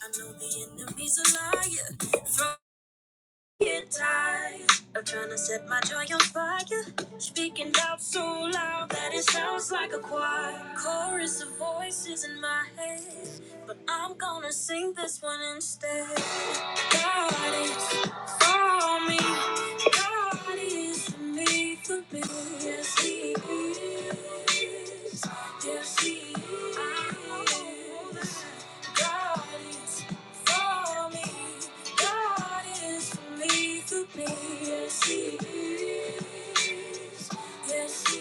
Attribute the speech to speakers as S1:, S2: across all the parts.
S1: I know the enemy's a liar. From your tired of trying to set my joy on fire. Speaking out so loud that it sounds like a choir. Chorus of voices in my head. But I'm gonna sing this one instead. God is for me. God is for me. Yes, He is. Yes, He is. God is for me. God is for me. Yes, He is. Yes, He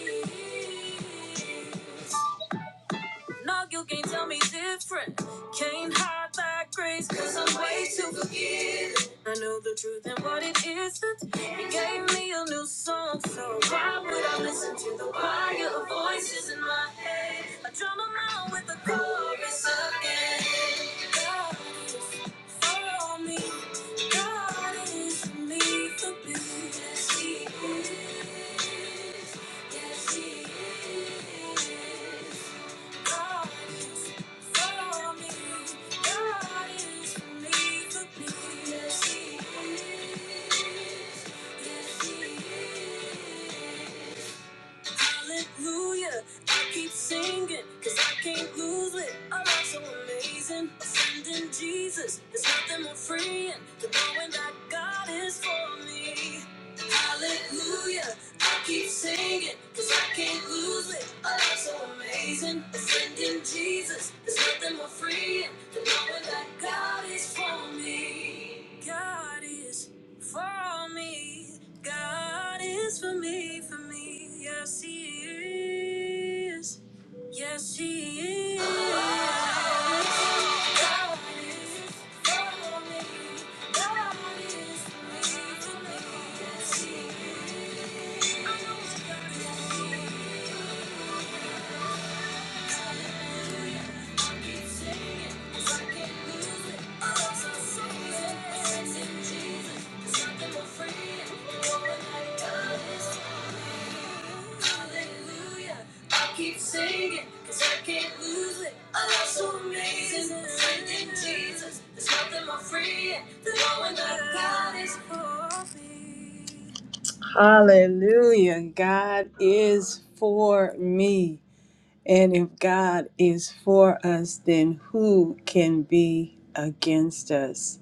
S1: is. No, you can't tell me different. Can't hide that grace, cause I'm way too forgiving. I know the truth and what it isn't. He gave me a new song, so why would I listen to the choir of voices in my head? I drum 'em out with the chorus again. God is for me. God is for me for me. Yes, He is. Yes, He is. Hallelujah. I keep singing, cause I can't lose it. I'm not so amazing. Offending Jesus, there's nothing more freeing than knowing that God is for me. Hallelujah. I keep singing because I can't lose it. Oh, that's so amazing. Ascending Jesus. There's nothing more freeing than knowing that God is for me. God is for me. God is for me, for me. Yes, He is. Yes, he is. God is for me. God is for me. Yes, he is. I know it's God. Keep singing, cause I can't lose it. I love so amazing. Faith in Jesus, there's nothing more free than knowing that God is for me. Hallelujah. God is for me. And if God is for us, then who can be against us?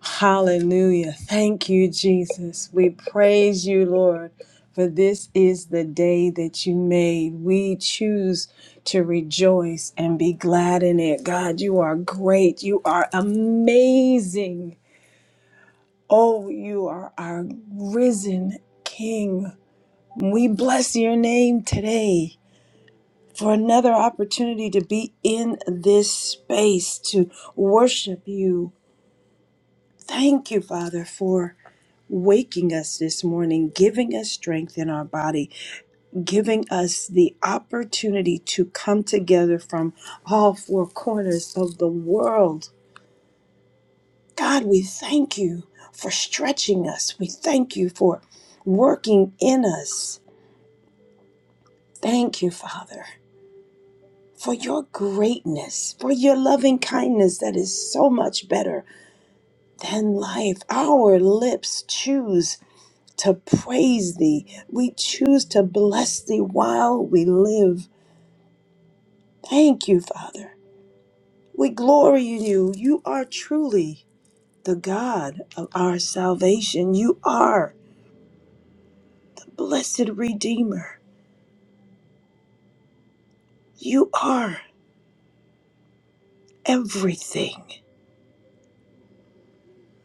S1: Hallelujah. Thank you, Jesus. We praise you, Lord, for this is the day that you made. We choose to rejoice and be glad in it. God, you are great. You are amazing. Oh, you are our risen King. We bless your name today. for another opportunity to be in this space to worship you. Thank you, Father, for waking us this morning, giving us strength in our body, giving us the opportunity to come together from all four corners of the world. God, we thank you for stretching us. We thank you for working in us. Thank you, Father, for your greatness, for your loving kindness that is so much better than life. Our lips choose to praise thee. We choose to bless thee while we live. Thank you, Father. We glory in you. You are truly the God of our salvation. You are the blessed Redeemer. You are everything.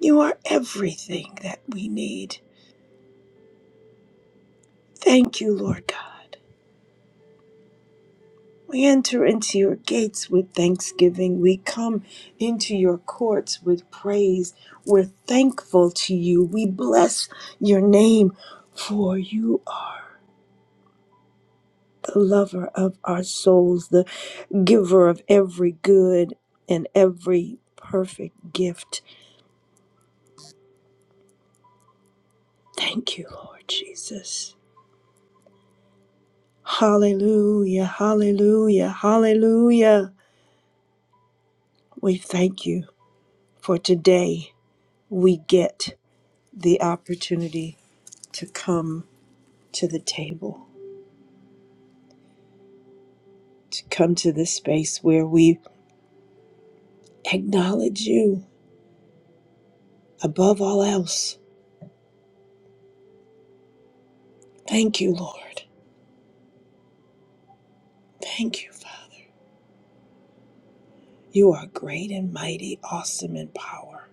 S1: You are everything that we need. Thank you, Lord God. We enter into your gates with thanksgiving. We come into your courts with praise. We're thankful to you. We bless your name, for you are the lover of our souls, the giver of every good and every perfect gift. Thank you, Lord Jesus. Hallelujah, hallelujah, hallelujah. We thank you for today. We get the opportunity to come to the table, to come to this space where we acknowledge you above all else. Thank you, Lord. Thank you, Father. You are great and mighty, awesome in power.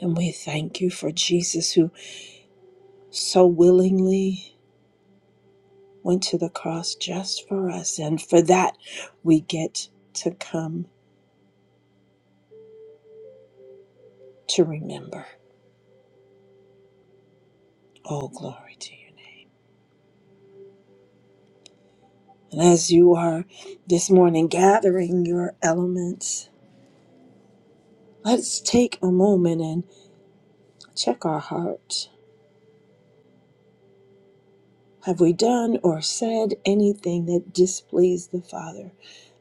S1: And we thank you for Jesus who so willingly went to the cross just for us. And for that, we get to come to remember. All glory to your name. And as you are this morning gathering your elements, Let's take a moment and check our heart. Have we done or said anything that displeased the Father?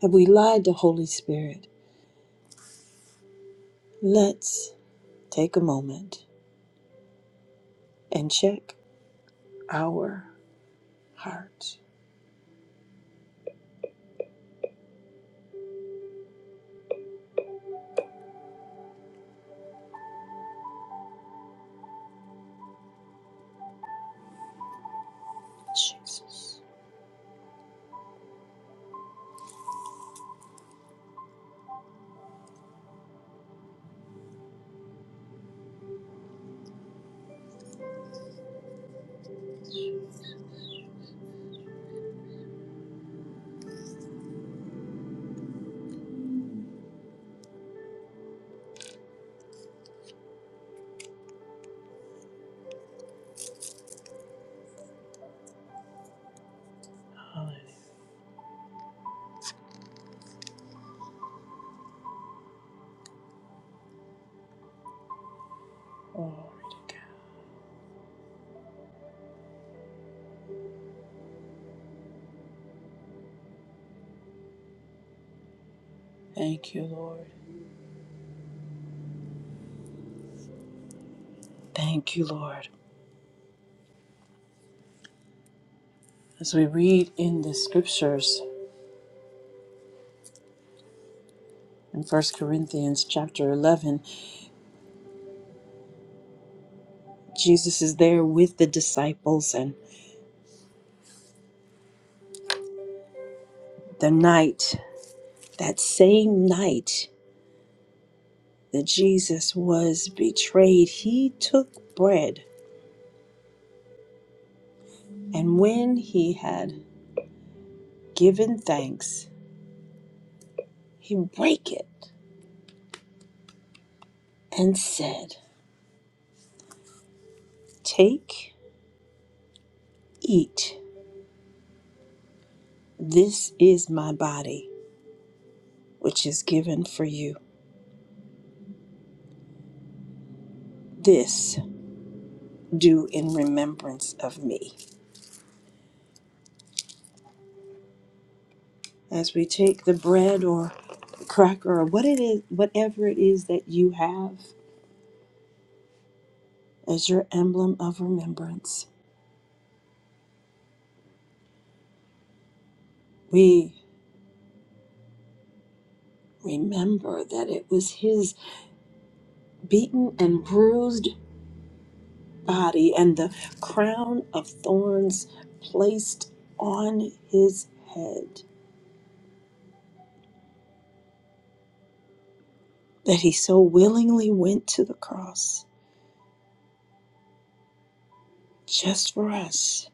S1: Have we lied to Holy Spirit? Let's take a moment and check our heart. Jesus. Hallelujah. Glory to God. Thank you, Lord. Thank you, Lord. As we read in the scriptures in First Corinthians chapter 11, Jesus is there with the disciples and the night. That same night that Jesus was betrayed, he took bread, and when he had given thanks, he brake it and said, Take, eat, this is my body, which is given for you. This do in remembrance of me. As we take the bread or cracker or what it is, whatever it is that you have as your emblem of remembrance. We remember that it was his beaten and bruised body and the crown of thorns placed on his head that he so willingly went to the cross just for us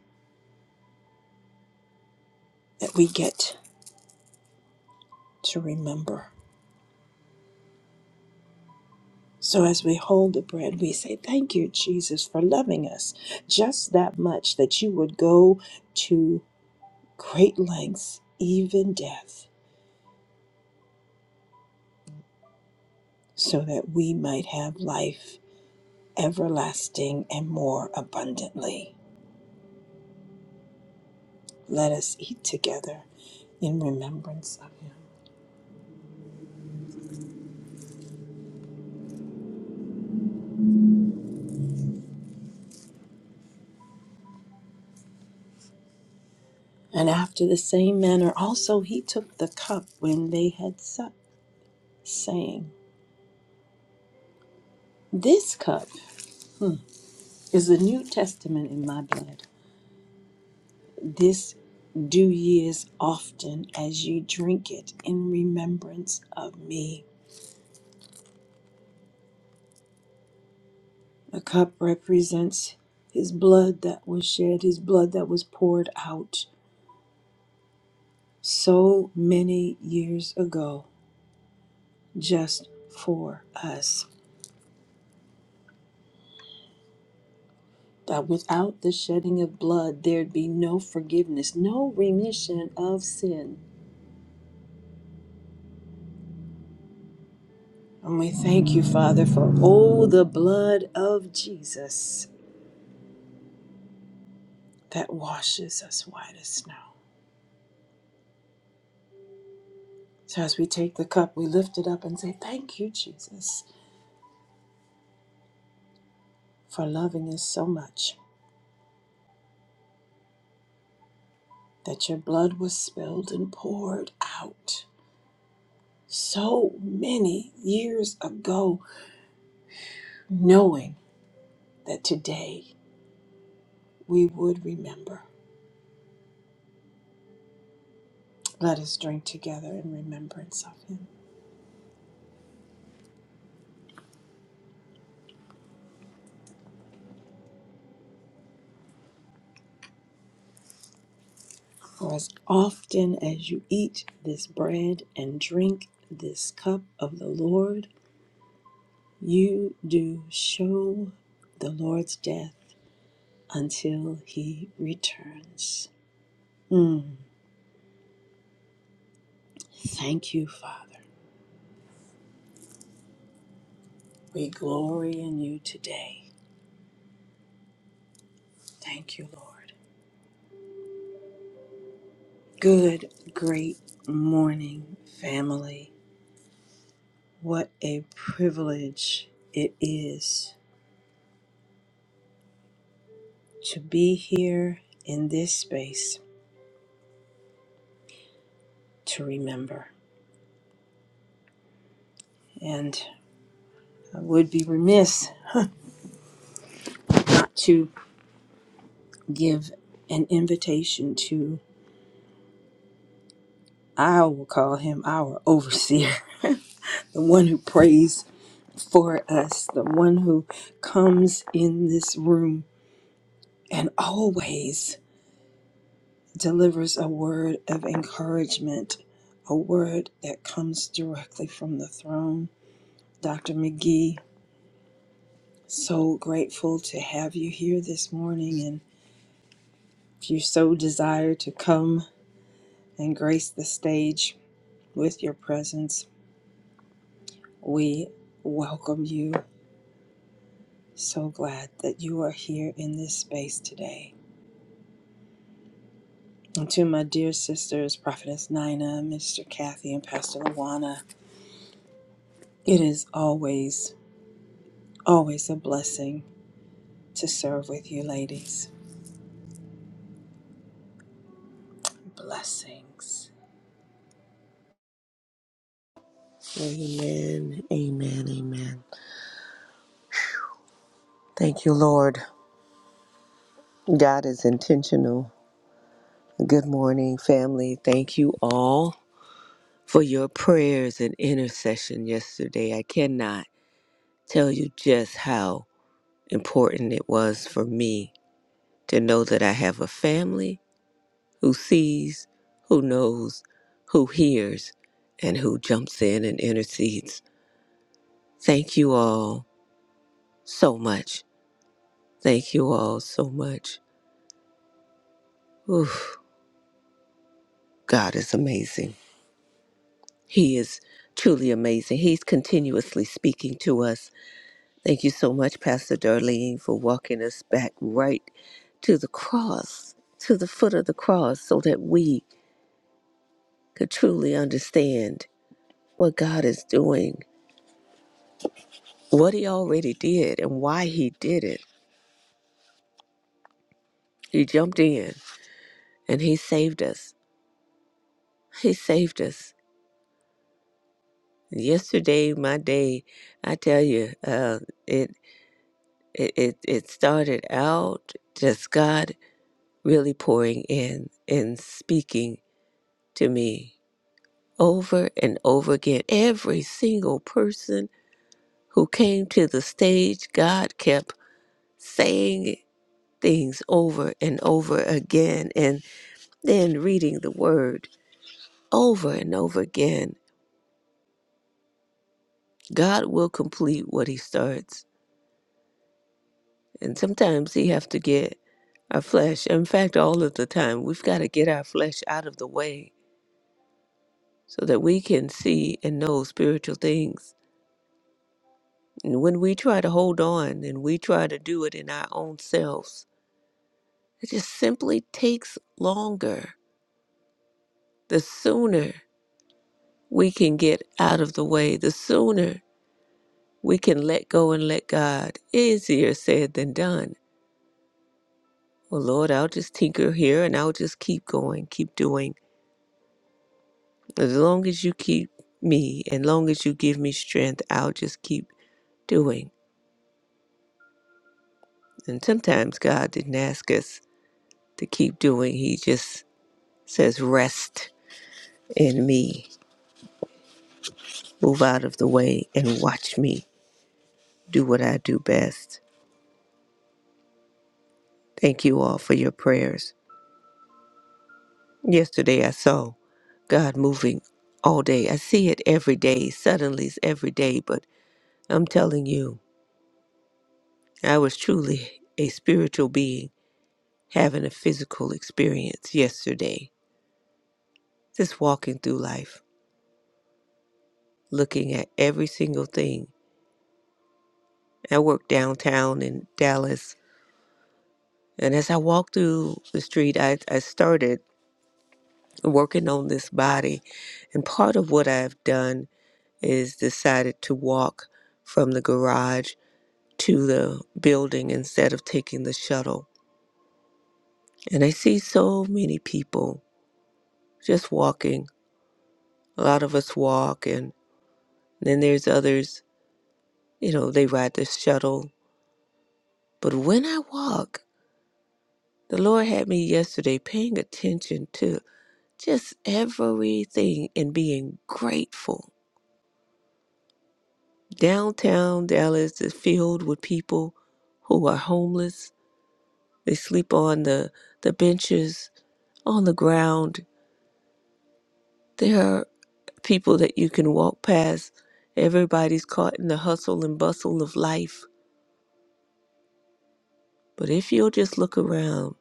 S1: that we get to remember. So as we hold the bread, we say, Thank you, Jesus, for loving us just that much that you would go to great lengths, even death, so that we might have life everlasting and more abundantly. Let us eat together in remembrance of him. And after the same manner also he took the cup when they had supped, saying, This cup hmm, is the New Testament in my blood. This do ye as often as ye drink it in remembrance of me. The cup represents his blood that was shed, his blood that was poured out so many years ago just for us. That without the shedding of blood, there'd be no forgiveness, no remission of sin. And we thank you, Father, for all the blood of Jesus that washes us white as snow. So as we take the cup, we lift it up and say, Thank you, Jesus, for loving us so much that your blood was spilled and poured out so many years ago knowing that today we would remember. Let us drink together in remembrance of him. For as often as you eat this bread and drink this cup of the Lord, you do show the Lord's death until he returns. Mm. Thank you, Father. We glory in you today. Thank you, Lord. Good, great morning, family. What a privilege it is to be here in this space to remember. And I would be remiss not to give an invitation to, I will call him our overseer, the one who prays for us, the one who comes in this room and always delivers a word of encouragement, a word that comes directly from the throne Dr. McGee, so grateful to have you here this morning. And if you so desire to come and grace the stage with your presence, we welcome you. So glad that you are here in this space today. And to my dear sisters, Prophetess Nina, Mr. Kathy, and Pastor Luana, it is always, always a blessing to serve with you, ladies. Blessings.
S2: Amen. Amen. Amen. Thank you, Lord. God is intentional. Good morning, family. Thank you all for your prayers and intercession yesterday. I cannot tell you just how important it was for me to know that I have a family who sees, who knows, who hears, and who jumps in and intercedes. Thank you all so much. Thank you all so much. Oof. God is amazing. He is truly amazing. He's continuously speaking to us. Thank you so much, Pastor Darlene, for walking us back right to the cross, to the foot of the cross, so that we could truly understand what God is doing, what He already did, and why He did it. He jumped in and He saved us. He saved us. Yesterday, my day, I tell you, uh, it, it it it started out just God. really pouring in and speaking to me over and over again. Every single person who came to the stage, God kept saying things over and over again, and then reading the word over and over again. God will complete what He starts. And sometimes He have to get our flesh. In fact, all of the time, we've got to get our flesh out of the way so that we can see and know spiritual things And when we try to hold on and we try to do it in our own selves, it just simply takes longer. The sooner we can get out of the way, the sooner we can let go and let God. Easier said than done. Well, Lord, I'll just tinker here and I'll just keep going, keep doing. As long as you keep me and long as you give me strength, I'll just keep doing. And sometimes God didn't ask us to keep doing, He just says, rest and me move out of the way and watch me do what I do best. Thank you all for your prayers. Yesterday I saw God moving all day. I see it every day, suddenly it's every day, but I'm telling you, I was truly a spiritual being having a physical experience yesterday. Just walking through life, looking at every single thing. I work downtown in Dallas, and as I walked through the street, I, I started. working on this body. And part of what I've done is decided to walk from the garage to the building instead of taking the shuttle. And I see so many people just walking. A lot of us walk, and then there's others, you know, they ride the shuttle. But when I walk, the Lord had me yesterday paying attention to just everything and being grateful Downtown Dallas is filled with people who are homeless. They sleep on the, the benches, on the ground. There are people that you can walk past. Everybody's caught in the hustle and bustle of life. But if you'll just look around,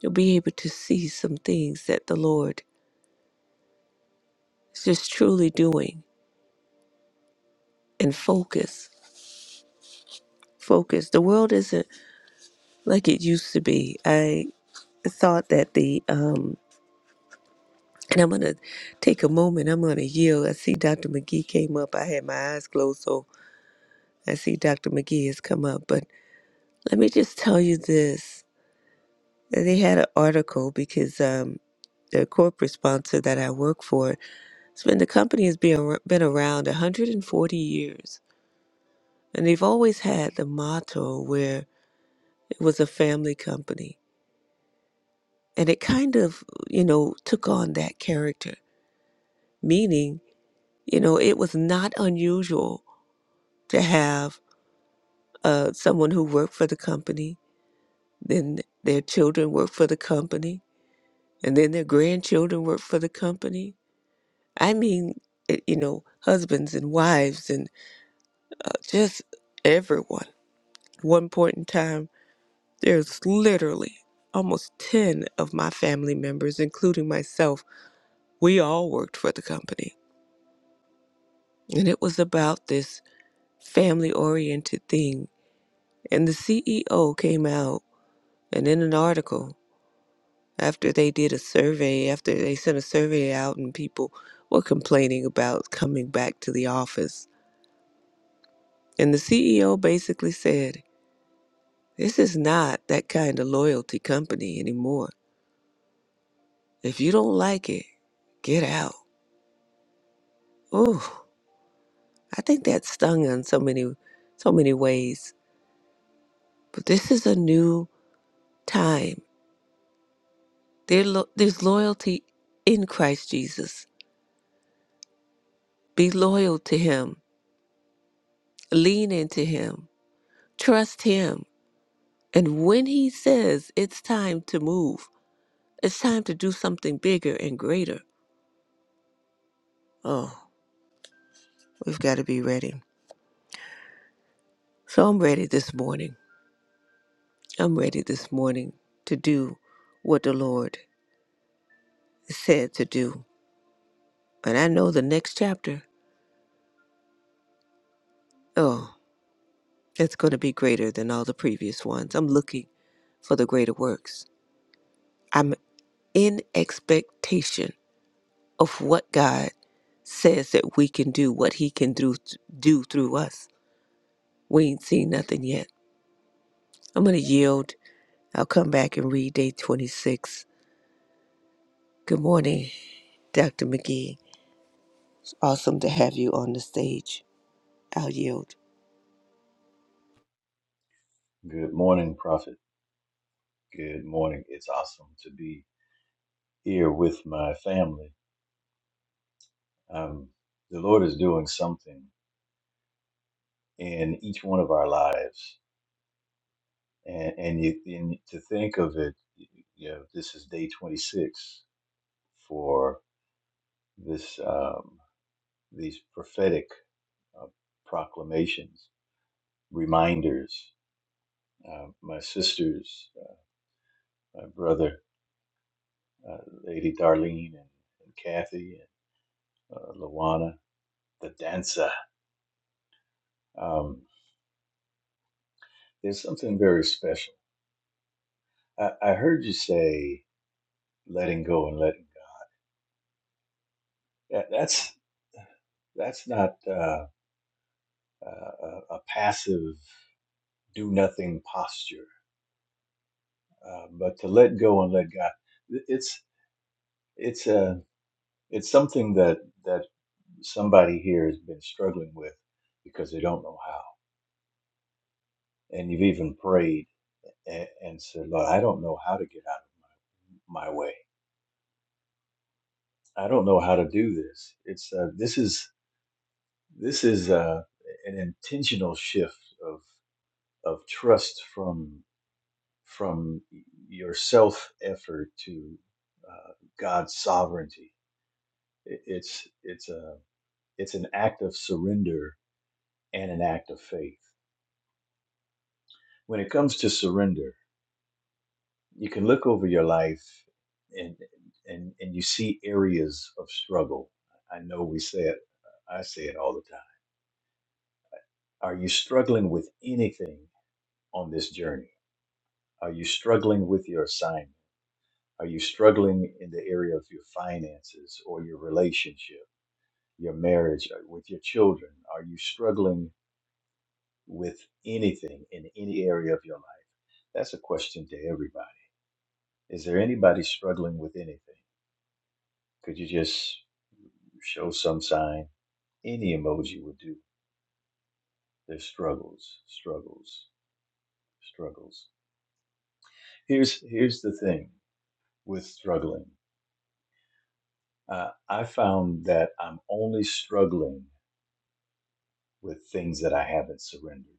S2: you'll be able to see some things that the Lord is just truly doing and focus. Focus. The world isn't like it used to be. I thought that the um, And I'm going to take a moment. I'm going to yield. I see Dr. McGee came up. I had my eyes closed, so I see Dr. McGee has come up. But let me just tell you this. They had an article because um, the corporate sponsor that I work for, it's been, the company has been, ar- been around 140 years. And they've always had the motto where it was a family company. And it kind of, you know, took on that character, meaning, you know, it was not unusual to have uh, someone who worked for the company, then their children work for the company, and then their grandchildren work for the company. I mean, eh, you know, husbands and wives and uh, just everyone. At One point in time, there's literally almost 10 of my family members, including myself, we all worked for the company. And it was about this family oriented thing. And the CEO came out and in an article after they did a survey, after they sent a survey out, and people were complaining about coming back to the office. And the CEO basically said, This is not that kind of loyalty company anymore. If you don't like it, get out. Ooh, I think that stung in so many, so many ways. But this is a new time. There, lo- there's loyalty in Christ Jesus. Be loyal to Him. Lean into Him. Trust Him And when he says it's time to move, it's time to do something bigger and greater, oh, we've got to be ready. So I'm ready this morning. I'm ready this morning to do what the Lord said to do. And I know the next chapter, oh, it's going to be greater than all the previous ones. I'm looking for the greater works. I'm in expectation of what God says that we can do, what He can do, do through us. We ain't seen nothing yet. I'm going to yield. I'll come back and read day 26. Good morning, Dr. McGee. It's awesome to have you on the stage. I'll yield.
S3: Good morning, Prophet. Good morning. It's awesome to be here with my family. Um, the Lord is doing something in each one of our lives, and and, you, and to think of it, you know, this is day 26 for this um, these prophetic uh, proclamations, reminders. Uh, my sisters, uh, my brother, uh, Lady Darlene, and, and Kathy, and uh, Lawana, the dancer. Um, There's something very special. I, I heard you say letting go and letting go. That, that's that's not uh, a, a passive do nothing posture, uh, but to let go and let God. It's it's a it's something that that somebody here has been struggling with because they don't know how, and you've even prayed and, and said, "Lord, I don't know how to get out of my way. I don't know how to do this." It's uh, this is This is uh, an intentional shift of of trust from from your self effort to uh, God's sovereignty. It- It's it's a it's an act of surrender and an act of faith. When it comes to surrender, you can look over your life and and and you see areas of struggle. I know we say it. I say it all the time. Are you struggling with anything on this journey? Are you struggling with your assignment? Are you struggling in the area of your finances or your relationship, your marriage, uh, with your children? Are you struggling with anything in any area of your life? That's a question to everybody. Is there anybody struggling with anything? Could you just show some sign? Any emoji would do. There's struggles, struggles, struggles. Here's here's the thing with struggling. Uh, I found that I'm only struggling with things that I haven't surrendered.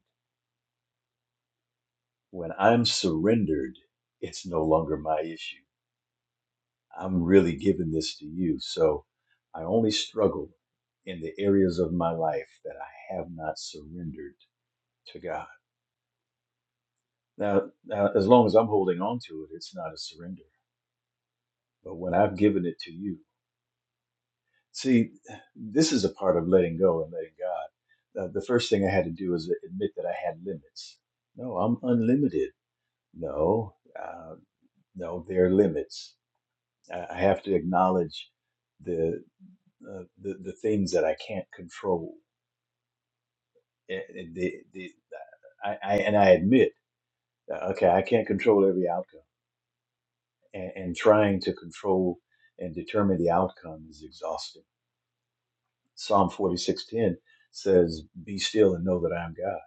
S3: When I'm surrendered, it's no longer my issue. I'm really giving this to you. So I only struggle in the areas of my life that I have not surrendered to God. Now, now as long as I'm holding on to it, it's not a surrender. But when I've given it to you, see, this is a part of letting go and letting God. Uh, the first thing I had to do is admit that I had limits. No, I'm unlimited No, uh, no, there are limits. I, I have to acknowledge the, uh, the the things that I can't control. And, and the, the, I, I, and I admit, uh, okay, I can't control every outcome, and, and trying to control and determine the outcome is exhausting. Psalm forty six ten says, "Be still and know that I am God."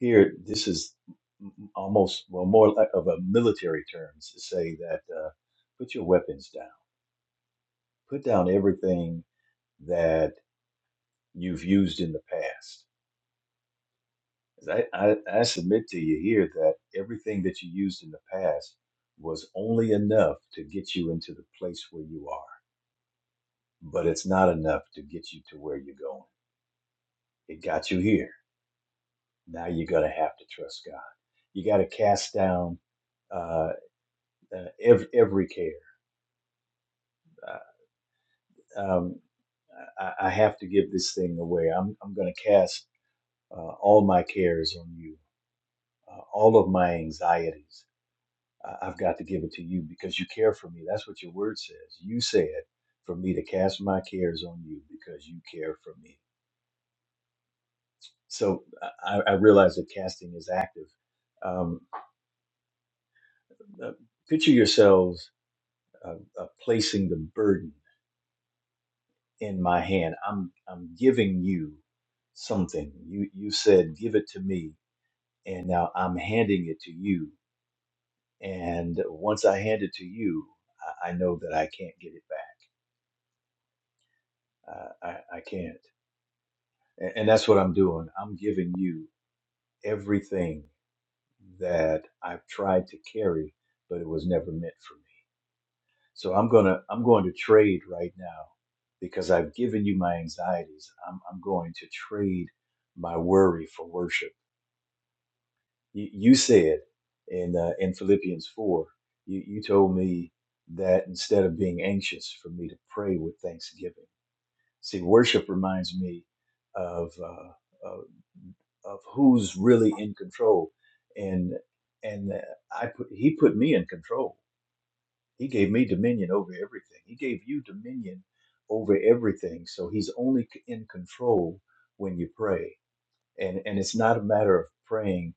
S3: Here, this is m- almost well more like of a military terms to say that uh, put your weapons down put down everything that you've used in the past. 'Cause I, I, I submit to you here that everything that you used in the past was only enough to get you into the place where you are, but it's not enough to get you to where you're going. It got you here. Now you're going to have to trust God. You got to cast down uh, uh, every, every care. Uh, um, I, I have to give this thing away. I'm, I'm going to cast uh, all my cares on you uh, all of my anxieties. I- I've got to give it to you because you care for me. That's what your word says. You said for me to cast my cares on you because you care for me. So I, I realize that casting is active. Um, uh, picture yourselves uh, uh, placing the burden in my hand. I'm I'm giving you something. You you said give it to me, and now I'm handing it to you. And once I hand it to you, I, I know that I can't get it back. I, I, I can't. And, and that's what I'm doing. I'm giving you everything that I've tried to carry, but it was never meant for me. So I'm gonna I'm going to trade right now because I've given you my anxieties. I'm I'm going to trade my worry for worship. You, you said in uh, in Philippians four, you, you told me that instead of being anxious, for me to pray with thanksgiving. See, worship reminds me of. Uh, of, of who's really in control and and uh, i put he put me in control he gave me dominion over everything he gave you dominion over everything so he's only c- in control when you pray and and it's not a matter of praying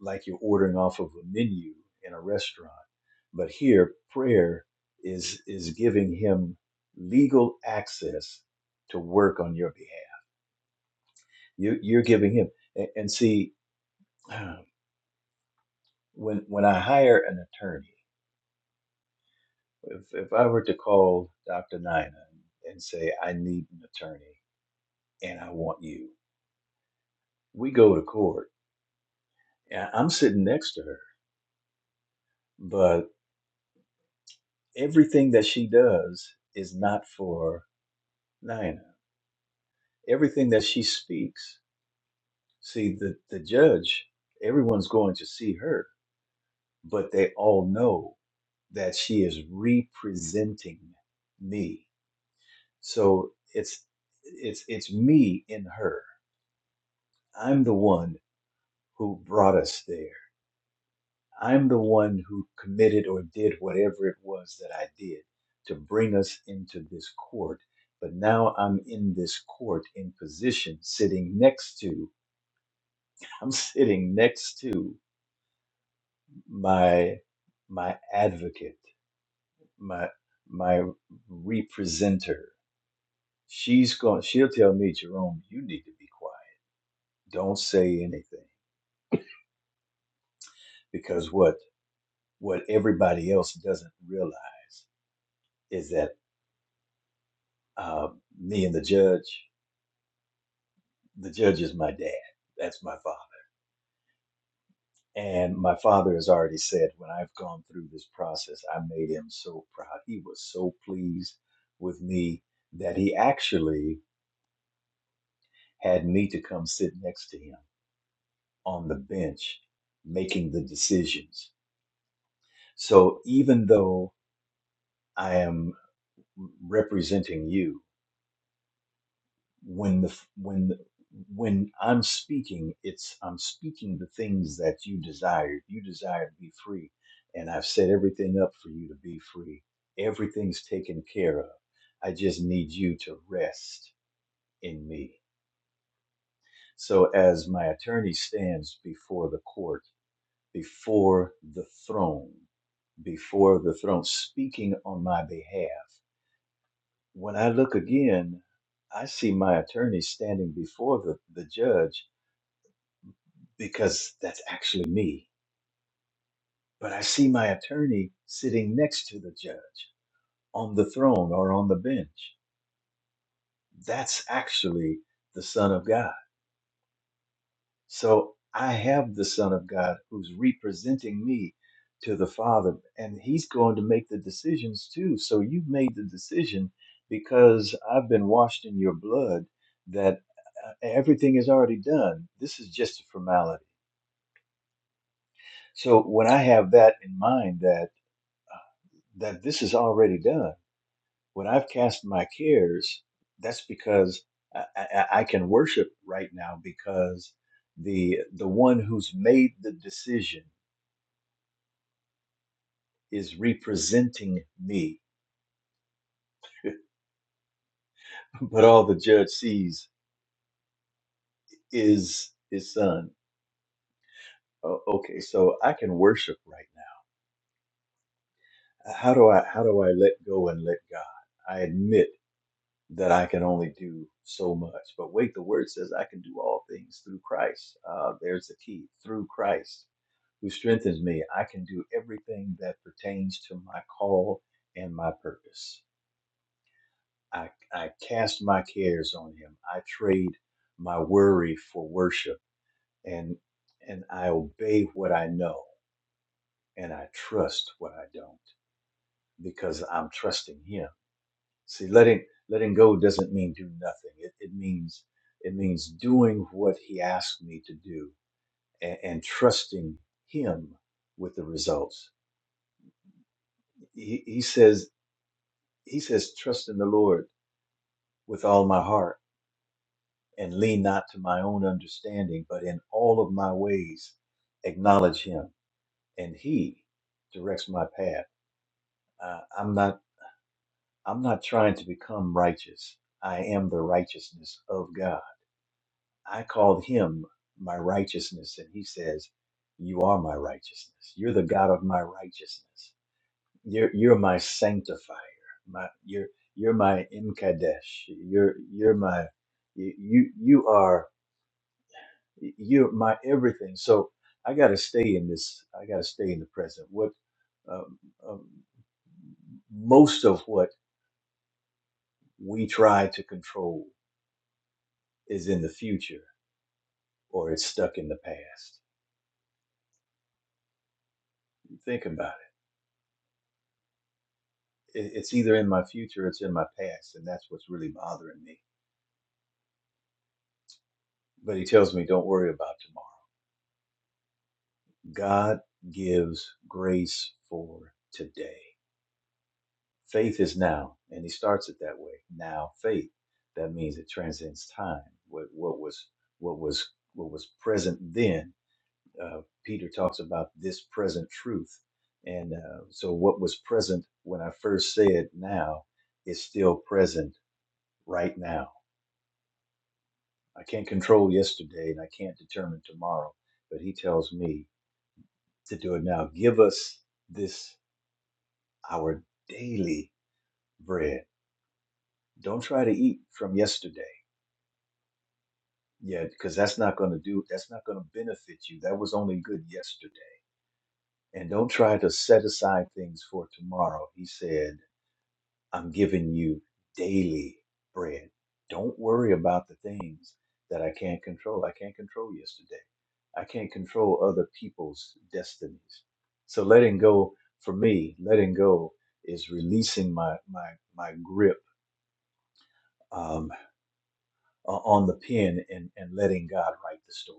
S3: like you're ordering off of a menu in a restaurant but here prayer is is giving him legal access to work on your behalf you, you're giving him and, and see when when I hire an attorney, if if I were to call Dr. Nina and say I need an attorney and I want you, we go to court. And I'm sitting next to her, but everything that she does is not for Nina. Everything that she speaks, see the the judge, everyone's going to see her, but they all know that she is representing me. So it's it's it's me in her I'm the one who brought us there. I'm the one who committed or did whatever it was that I did to bring us into this court. But now I'm in this court in position sitting next to, I'm sitting next to my, my advocate, my, my representer. She's going, she'll tell me, Jerome, you need to be quiet. Don't say anything because what, what everybody else doesn't realize is that uh, me and the judge, the judge is my dad. That's my father. And my father has already said, when I've gone through this process, I made him so proud. He was so pleased with me that he actually had me to come sit next to him on the bench making the decisions. So even though I am representing you, when the when the, when I'm speaking, it's I'm speaking the things that you desire. You desire to be free, and I've set everything up for you to be free. Everything's taken care of. I just need you to rest in me. So as my attorney stands before the court, before the throne, before the throne, speaking on my behalf, when I look again, I see my attorney standing before the, the judge because that's actually me. But I see my attorney sitting next to the judge on the throne or on the bench. That's actually the Son of God. So I have the Son of God who's representing me to the Father, and he's going to make the decisions too. So you've made the decision because I've been washed in your blood that uh, everything is already done. This is just a formality. So when I have that in mind, that that this is already done. When I've cast my cares, that's because I, I, I can worship right now because the the one who's made the decision is representing me, but all the judge sees is his son. O- Okay, so I can worship right now. Uh, How do I how do I let go and let God? I admit that I can only do so much. But wait, the word says I can do all things through Christ. Uh, there's the key through Christ. who strengthens me, I can do everything that pertains to my call and my purpose. I, I cast my cares on him. I trade my worry for worship and and I obey what I know and I trust what I don't because I'm trusting him. See, letting letting go doesn't mean do nothing. It, it means it means doing what he asked me to do and, and trusting him with the results. He, he says he says, Trust in the Lord with all my heart and lean not to my own understanding, but in all of my ways acknowledge him, and he directs my path. Uh, I'm not I'm not trying to become righteous. I am the righteousness of God. I called him my righteousness, and he says, You are my righteousness. You're the God of my righteousness. You're you're my sanctifier. My you're you're my imkadesh. You're you're my you you you are you're my everything. So I got to stay in this. I got to stay in the present. What um, um, most of what we try to control is in the future or it's stuck in the past. Think about it. It- It's either in my future, or it's in my past, and that's what's really bothering me. But he tells me, don't worry about tomorrow God gives grace for today. Faith is now, and he starts it that way. Now faith. That means it transcends time. What, what was what was what was present then. Uh, Peter talks about this present truth, and uh, so what was present when I first said now is still present right now. I can't control yesterday, and I can't determine tomorrow, but he tells me to do it now. Give us this. our daily bread. Don't try to eat from yesterday. Yeah, because that's not going to do, that's not going to benefit you. That was only good yesterday. And don't try to set aside things for tomorrow. He said, I'm giving you daily bread. Don't worry about the things that I can't control. I can't control yesterday. I can't control other people's destinies. So letting go, for me, letting go is releasing my my my grip. Um, uh, on the pen and, and letting God write the story.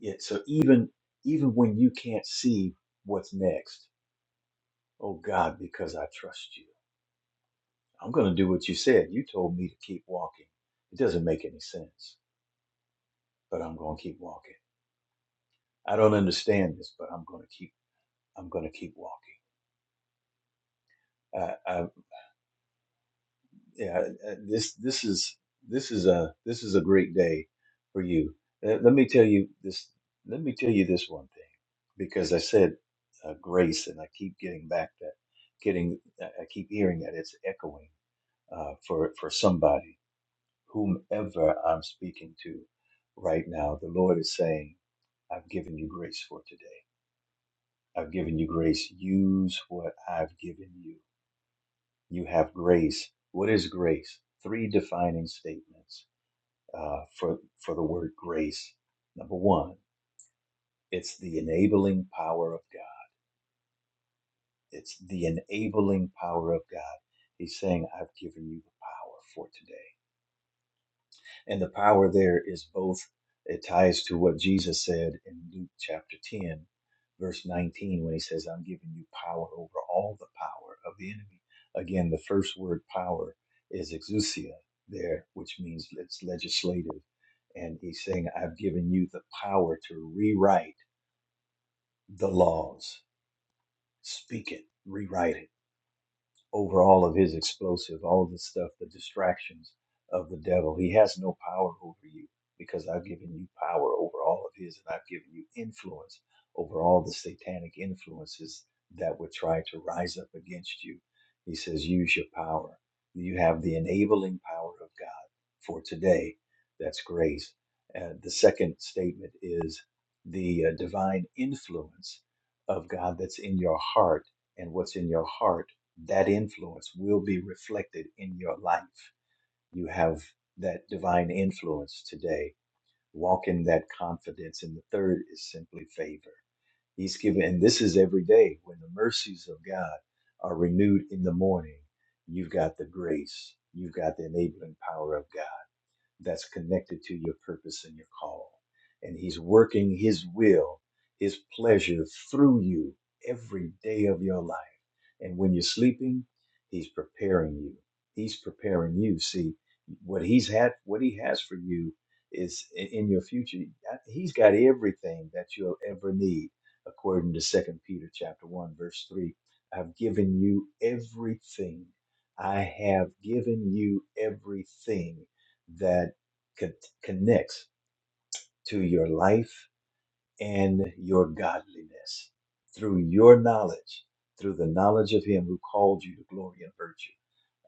S3: Yeah. so even even when you can't see what's next, oh God, because I trust you, I'm going to do what you said. You told me to keep walking. It doesn't make any sense, but I'm going to keep walking. I don't understand this, but I'm going to keep. I'm going to keep walking. I'm. yeah uh, uh, this this is this is a this is a great day for you Uh, let me tell you this let me tell you this one thing because i said uh, grace and i keep getting back that getting i I keep hearing that it's echoing uh, for for somebody whomever i'm speaking to right now the lord is saying i've given you grace for today i've given you grace use what i've given you you have grace what is grace three defining statements uh, for, for the word grace. Number one, it's the enabling power of God. It's the enabling power of God. He's saying, I've given you the power for today. And the power there is both, it ties to what Jesus said in Luke chapter 10, verse 19, when he says, I'm giving you power over all the power of the enemy. Again, the first word power is exousia there, which means it's legislative. And he's saying, I've given you the power to rewrite the laws. Speak it, rewrite it over all of his explosive, all of the stuff, the distractions of the devil. He has no power over you because I've given you power over all of his and I've given you influence over all the satanic influences that would try to rise up against you. He says, use your power. You have the enabling power of God for today. That's grace. And the second statement is the uh, divine influence of God that's in your heart and what's in your heart that influence will be reflected in your life. You have that divine influence today. Walk in that confidence. And the third is simply favor. He's given, and this is every day when the mercies of God are renewed in the morning. You've got the grace, you've got the enabling power of God that's connected to your purpose and your call. And He's working His will, His pleasure through you every day of your life. And when you're sleeping, He's preparing you. He's preparing you. See, what He's had, what He has for you is in your future. He's got everything that you'll ever need, according to Second Peter chapter one, verse three. I've given you everything I have given you everything that co- connects to your life and your godliness through your knowledge, through the knowledge of Him who called you to glory and virtue.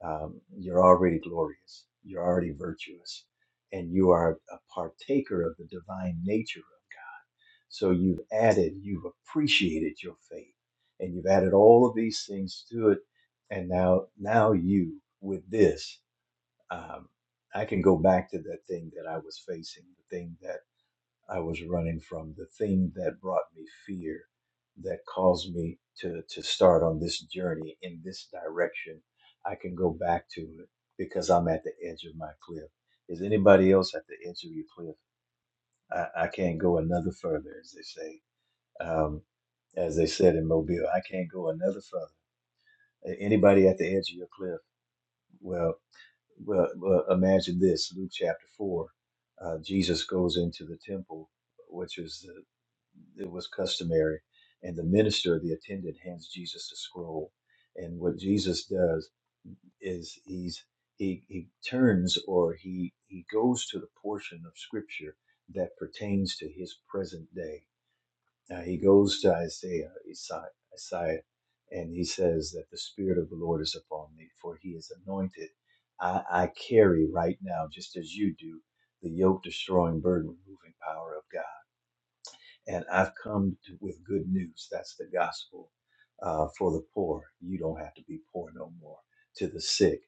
S3: Um, you're already glorious, you're already virtuous, and you are a partaker of the divine nature. of God. So you've added, you've appreciated your faith, and you've added all of these things to it. And now, now you with this um, I can go back to that thing that I was facing, the thing that I was running from, the thing that brought me fear, that caused me to to start on this journey in this direction. I can go back to it because I'm at the edge of my cliff. Is anybody else at the edge of your cliff? I, I can't go another further, as they say. Um, as they said in Mobile, I can't go another further. A- Anybody at the edge of your cliff? Well. Well, well, imagine this Luke chapter 4. Uh, Jesus goes into the temple, which is the, it was customary, and the minister, the attendant, hands Jesus a scroll. And what Jesus does is he's he, he turns or he he goes to the portion of scripture that pertains to his present day now he goes to Isaiah, Isaiah, and he says that the Spirit of the Lord is upon me, for he is anointed. I, I carry right now, just as you do, the yoke destroying, burden moving power of God and I've come to, with good news. That's the gospel uh, for the poor. You don't have to be poor no more. To the sick,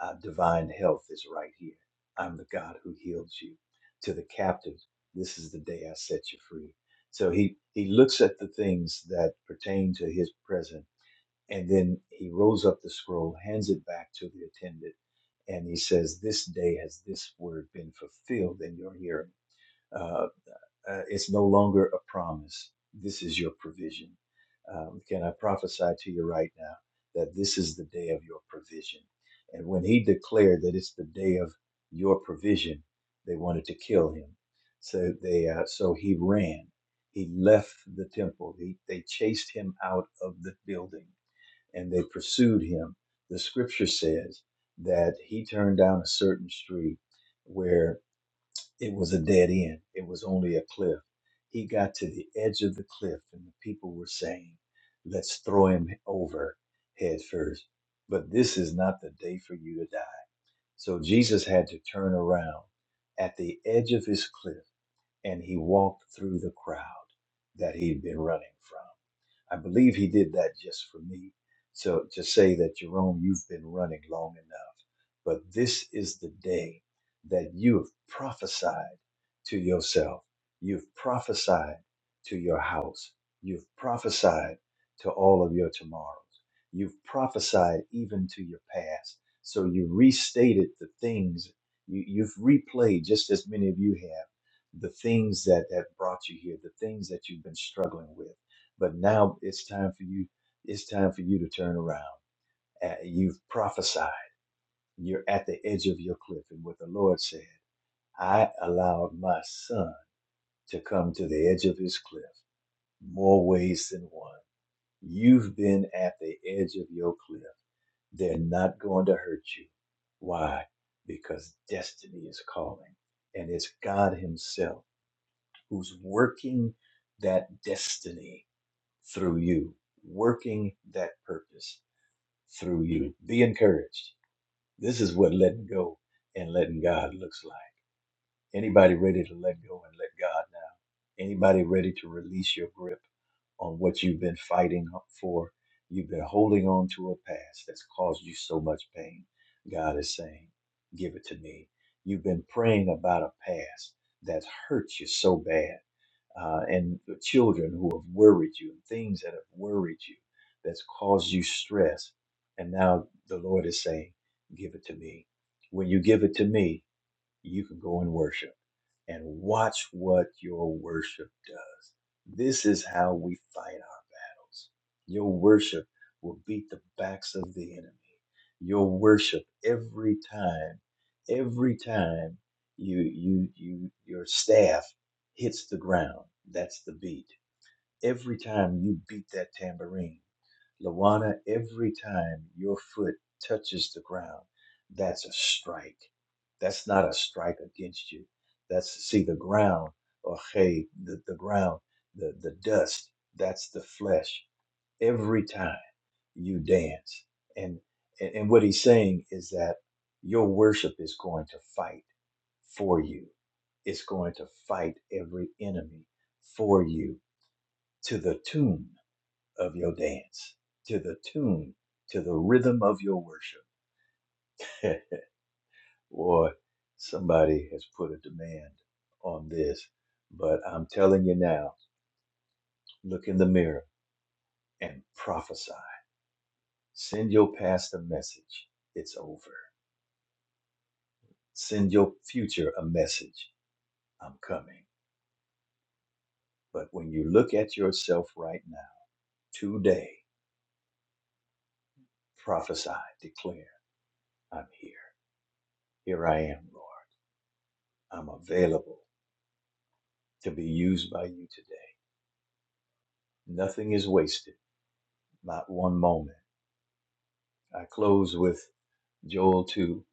S3: uh, divine health is right here. I'm the God who heals you. To the captives, this is the day I set you free. So he he looks at the things that pertain to his present, and then he rolls up the scroll, hands it back to the attendant, and he says, "This day has this word been fulfilled in your hearing." Uh, uh, it's no longer a promise. This is your provision. Um, can I prophesy to you right now that this is the day of your provision? And when he declared that it's the day of your provision, they wanted to kill him. So they, uh, so he ran. He left the temple. He, they chased him out of the building, and they pursued him. The scripture says that he turned down a certain street where it was a dead end. It was only a cliff. He got to the edge of the cliff, and the people were saying, Let's throw him over head first. But this is not the day for you to die. So Jesus had to turn around at the edge of his cliff, and he walked through the crowd that he'd been running from. I believe he did that just for me. So to say that, Jerome, you've been running long enough, but this is the day that you have prophesied to yourself. You've prophesied to your house. You've prophesied to all of your tomorrows. You've prophesied even to your past. So you restated the things you, you've replayed, just as many of you have, the things that have brought you here, the things that you've been struggling with but now it's time for you. It's time for you to turn around. Uh, You've prophesied. You're at the edge of your cliff. And what the Lord said, I allowed my son to come to the edge of his cliff more ways than one. You've been at the edge of your cliff. They're not going to hurt you. Why? Because destiny is calling. And it's God Himself who's working that destiny through you, working that purpose through you. Be encouraged. This is what letting go and letting God looks like. Anybody ready to let go and let God now? Anybody ready to release your grip on what you've been fighting for? You've been holding on to a past that's caused you so much pain. God is saying, Give it to me. You've been praying about a past that's hurt you so bad uh, and the children who have worried you, and things that have worried you, that's caused you stress. And now the Lord is saying, Give it to me. When you give it to me, you can go and worship and watch what your worship does. This is how we fight our battles. Your worship will beat the backs of the enemy. Your worship every time, every time you you you your staff hits the ground. That's the beat. Every time you beat that tambourine, Lawana, every time your foot touches the ground, that's a strike. That's not a strike against you. That's see the ground or hey, the, the ground, the, the dust, that's the flesh. Every time you dance. And and, and what he's saying is that your worship is going to fight for you. It's going to fight every enemy for you to the tomb of your dance, to the tune, to the rhythm of your worship. Boy, somebody has put a demand on this. But I'm telling you now, look in the mirror and prophesy. Send your past a message. It's over. Send your future a message. I'm coming. But when you look at yourself right now, today, prophesy, declare, I'm here. Here I am, Lord. I'm available to be used by you today. Nothing is wasted, not one moment. I close with Joel 2,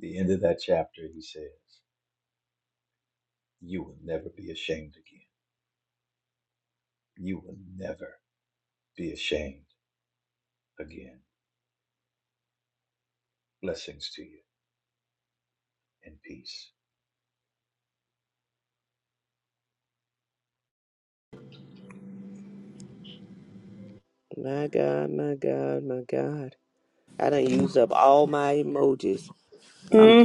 S3: the end of that chapter. He says, You will never be ashamed again. You will never be ashamed again. Blessings to you and peace.
S2: My God, my God, my God. I done used up all my emojis. I'm,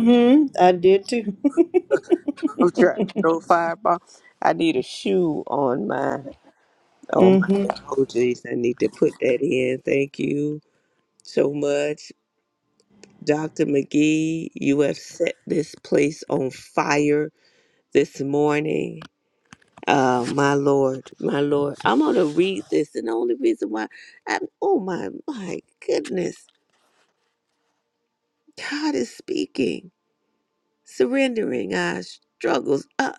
S2: I'm trying to throw fireball. I need a shoe on my on
S1: mm
S2: my
S1: hmm
S2: emojis. I need to put that in. Thank you so much. Dr. McGee, you have set this place on fire this morning. Uh, my Lord, my Lord. I'm going to read this. And the only reason why, I, oh my, my goodness, God is speaking, surrendering our struggles. Uh,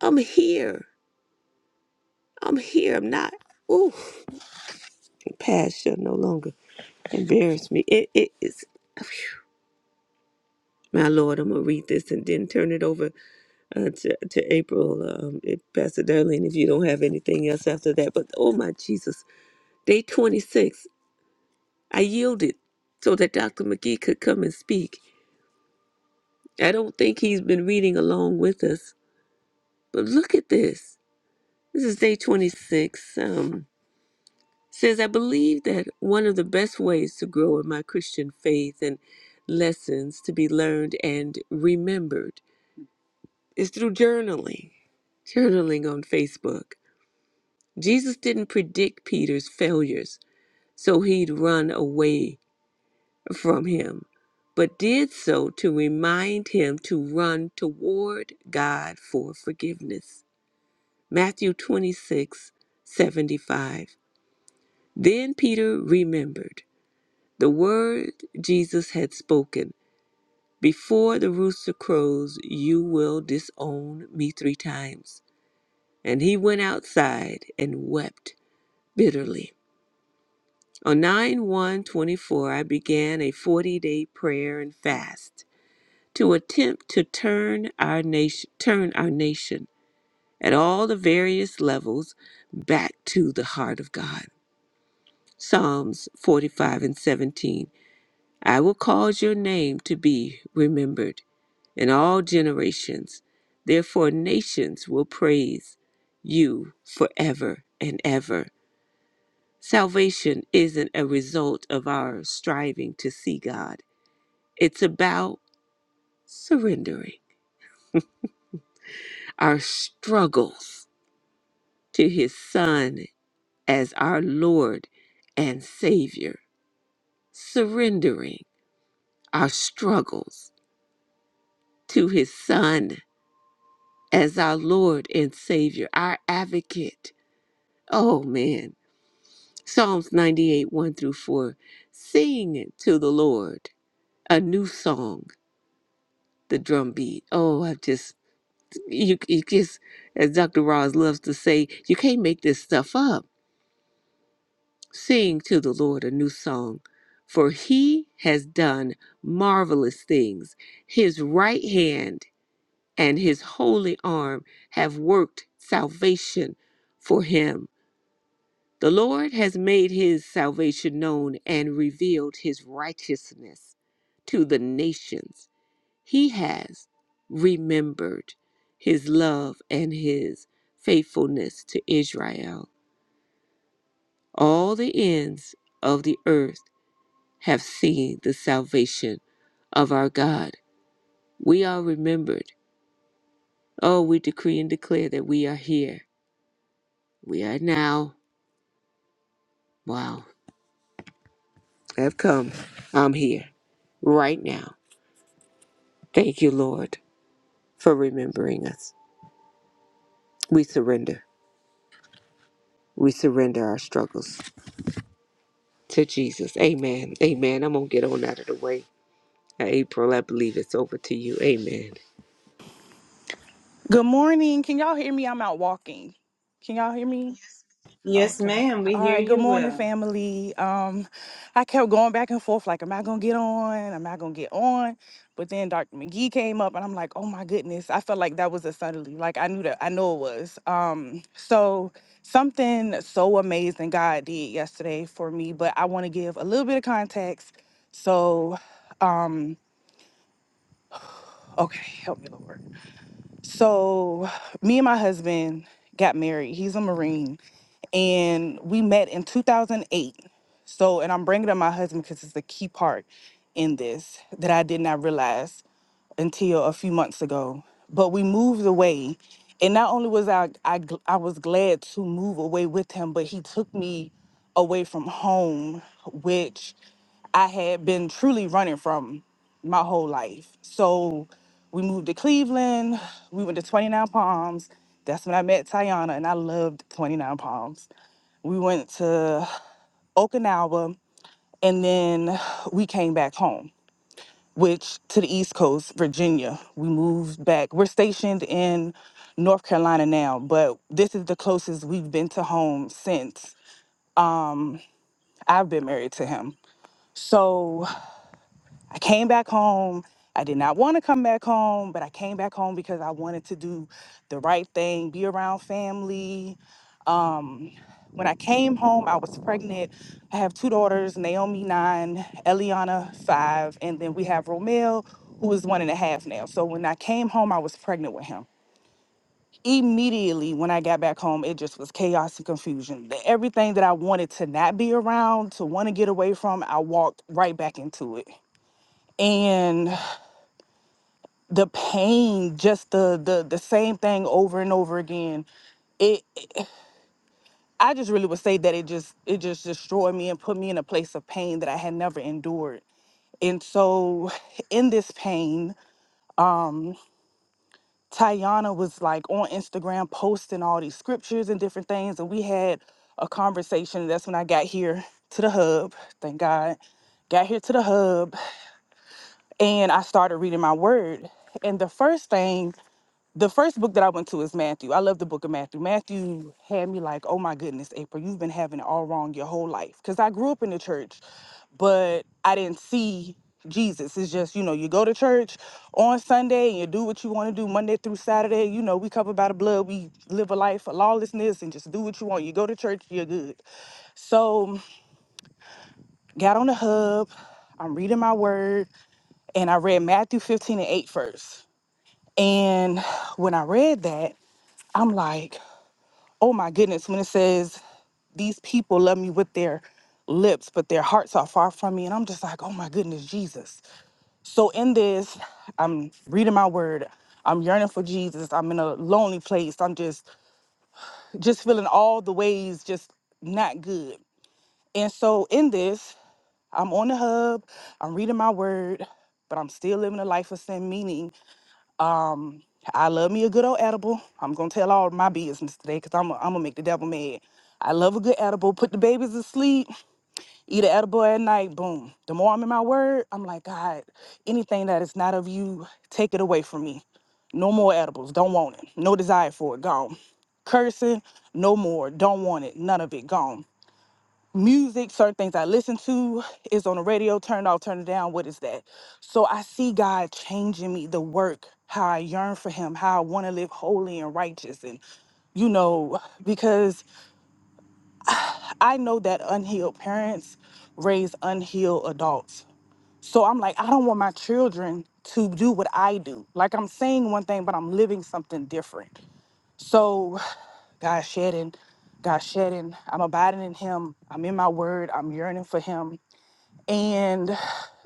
S2: I'm here. I'm here. I'm not. Ooh, the past shall no longer embarrass me. It, it is. My Lord, I'm going to read this and then turn it over uh, to, to April, um, if Pastor Darlene, if you don't have anything else after that. But oh my Jesus, day 26. I yielded so that Dr. McGee could come and speak. I don't think he's been reading along with us, but look at this. This is day 26. Um, says, I believe that one of the best ways to grow in my Christian faith and lessons to be learned and remembered is through journaling, journaling on Facebook. Jesus didn't predict Peter's failures, so he'd run away from him, but did so to remind him to run toward God for forgiveness. Matthew 26 75. Then Peter remembered the word Jesus had spoken Before the rooster crows, you will disown me three times. And he went outside and wept bitterly. On 9 24, I began a 40 day prayer and fast. to attempt to turn our nation turn our nation at all the various levels back to the heart of God. Psalms 45 and 17. I will cause your name to be remembered in all generations. Therefore nations will praise you forever and ever. Salvation isn't a result of our striving to see God. It's about surrendering our struggles to his Son as our Lord and Savior, surrendering our struggles to his Son as our Lord and Savior, our advocate. Oh man. Psalms 98 1 through 4. Sing to the Lord a new song, the drum beat. Oh, I just, you, you just, as Dr. Ross loves to say, you can't make this stuff up Sing to the Lord a new song, for he has done marvelous things. His right hand and his holy arm have worked salvation for him. The Lord has made his salvation known and revealed his righteousness to the nations. He has remembered his love and his faithfulness to Israel. All the ends of the earth have seen the salvation of our God. We are remembered. Oh, we decree and declare that we are here. We are now. Wow, I've come. I'm here right now. Thank you, Lord, for remembering us. We surrender. We surrender our struggles to Jesus. Amen. Amen. I'm going to get on out of the way. Now, April, I believe it's over to you. Amen.
S4: Good morning. Can y'all hear me? I'm out walking. Can y'all hear me? Yes. Okay. All right. Good morning, family. Um, I kept going back and forth, like, am I gonna get on? Am I gonna get on? But then Dr. McGee came up and I'm like, oh my goodness. I felt like that was a suddenly. Like I knew that I know it was. Um, so something so amazing God did yesterday for me, but I want to give a little bit of context. So um, okay, help me, Lord. So, me and my husband got married. He's a Marine, and we met in 2008. So, and I'm bringing up my husband because it's the key part in this that I did not realize until a few months ago. But we moved away, and not only was I I gl- I was glad to move away with him, but he took me away from home, which I had been truly running from my whole life. So we moved to Cleveland. We went to 29 Palms. That's when I met Tiana, and I loved 29 Palms. We went to Okinawa, and then we came back home which to the East Coast, Virginia. We moved back. We're stationed in North Carolina now, but this is the closest we've been to home since I've been married to him. So I came back home. I did not want to come back home, but I came back home because I wanted to do the right thing, be around family, Um, when I came home, I was pregnant. I have two daughters, Naomi nine, Eliana five, and then we have Romeo, who is one and a half now. So when I came home, I was pregnant with him. Immediately when I got back home, it just was chaos and confusion. The- Everything that I wanted to not be around, to want to get away from, I walked right back into it. And the pain, just the the the same thing over and over again. It. I just really would say that it just it just destroyed me and put me in a place of pain that I had never endured. And so in this pain, Tayana was like on Instagram posting all these scriptures and different things and we had a conversation. That's when I got here to the hub. Thank God. Got here to the hub and I started reading my word. And the first thing the first book that I went to is Matthew. I love the book of Matthew. Matthew had me like, oh my goodness, April, you've been having it all wrong your whole life. Because I grew up in the church, but I didn't see Jesus. It's just, you know, you go to church on Sunday and you do what you want to do Monday through Saturday. You know, we cover by the blood, we live a life of lawlessness and just do what you want. You go to church, you're good. So got on the hub, I'm reading my word, and I read Matthew 15 and 8 first. And when I read that, I'm like, oh my goodness, when it says, these people love me with their lips, but their hearts are far from me. And I'm just like, oh my goodness, Jesus. So in this, I'm reading my word. I'm yearning for Jesus. I'm in a lonely place. I'm just just feeling all the ways just not good. And so in this, I'm on the hub, I'm reading my word, but I'm still living a life of sin, meaning um, I love me a good old edible. I'm gonna tell all my business today because I'm, I'm gonna make the devil mad. I love a good edible. Put the babies to sleep. Eat an edible at night. Boom. The more I'm in my word, I'm like God. Anything that is not of you, take it away from me. No more edibles. Don't want it. No desire for it. Gone. Cursing. No more. Don't want it. None of it. Gone music, certain things I listen to is on the radio, turn it off, turn it down. What is that? So I see God changing me, the work, how I yearn for Him, how I want to live holy and righteous. And, you know, because I know that unhealed parents raise unhealed adults. So I'm like, I don't want my children to do what I do. Like I'm saying one thing, but I'm living something different. So God shedding, God shedding, I'm abiding in Him. I'm in my word. I'm yearning for Him And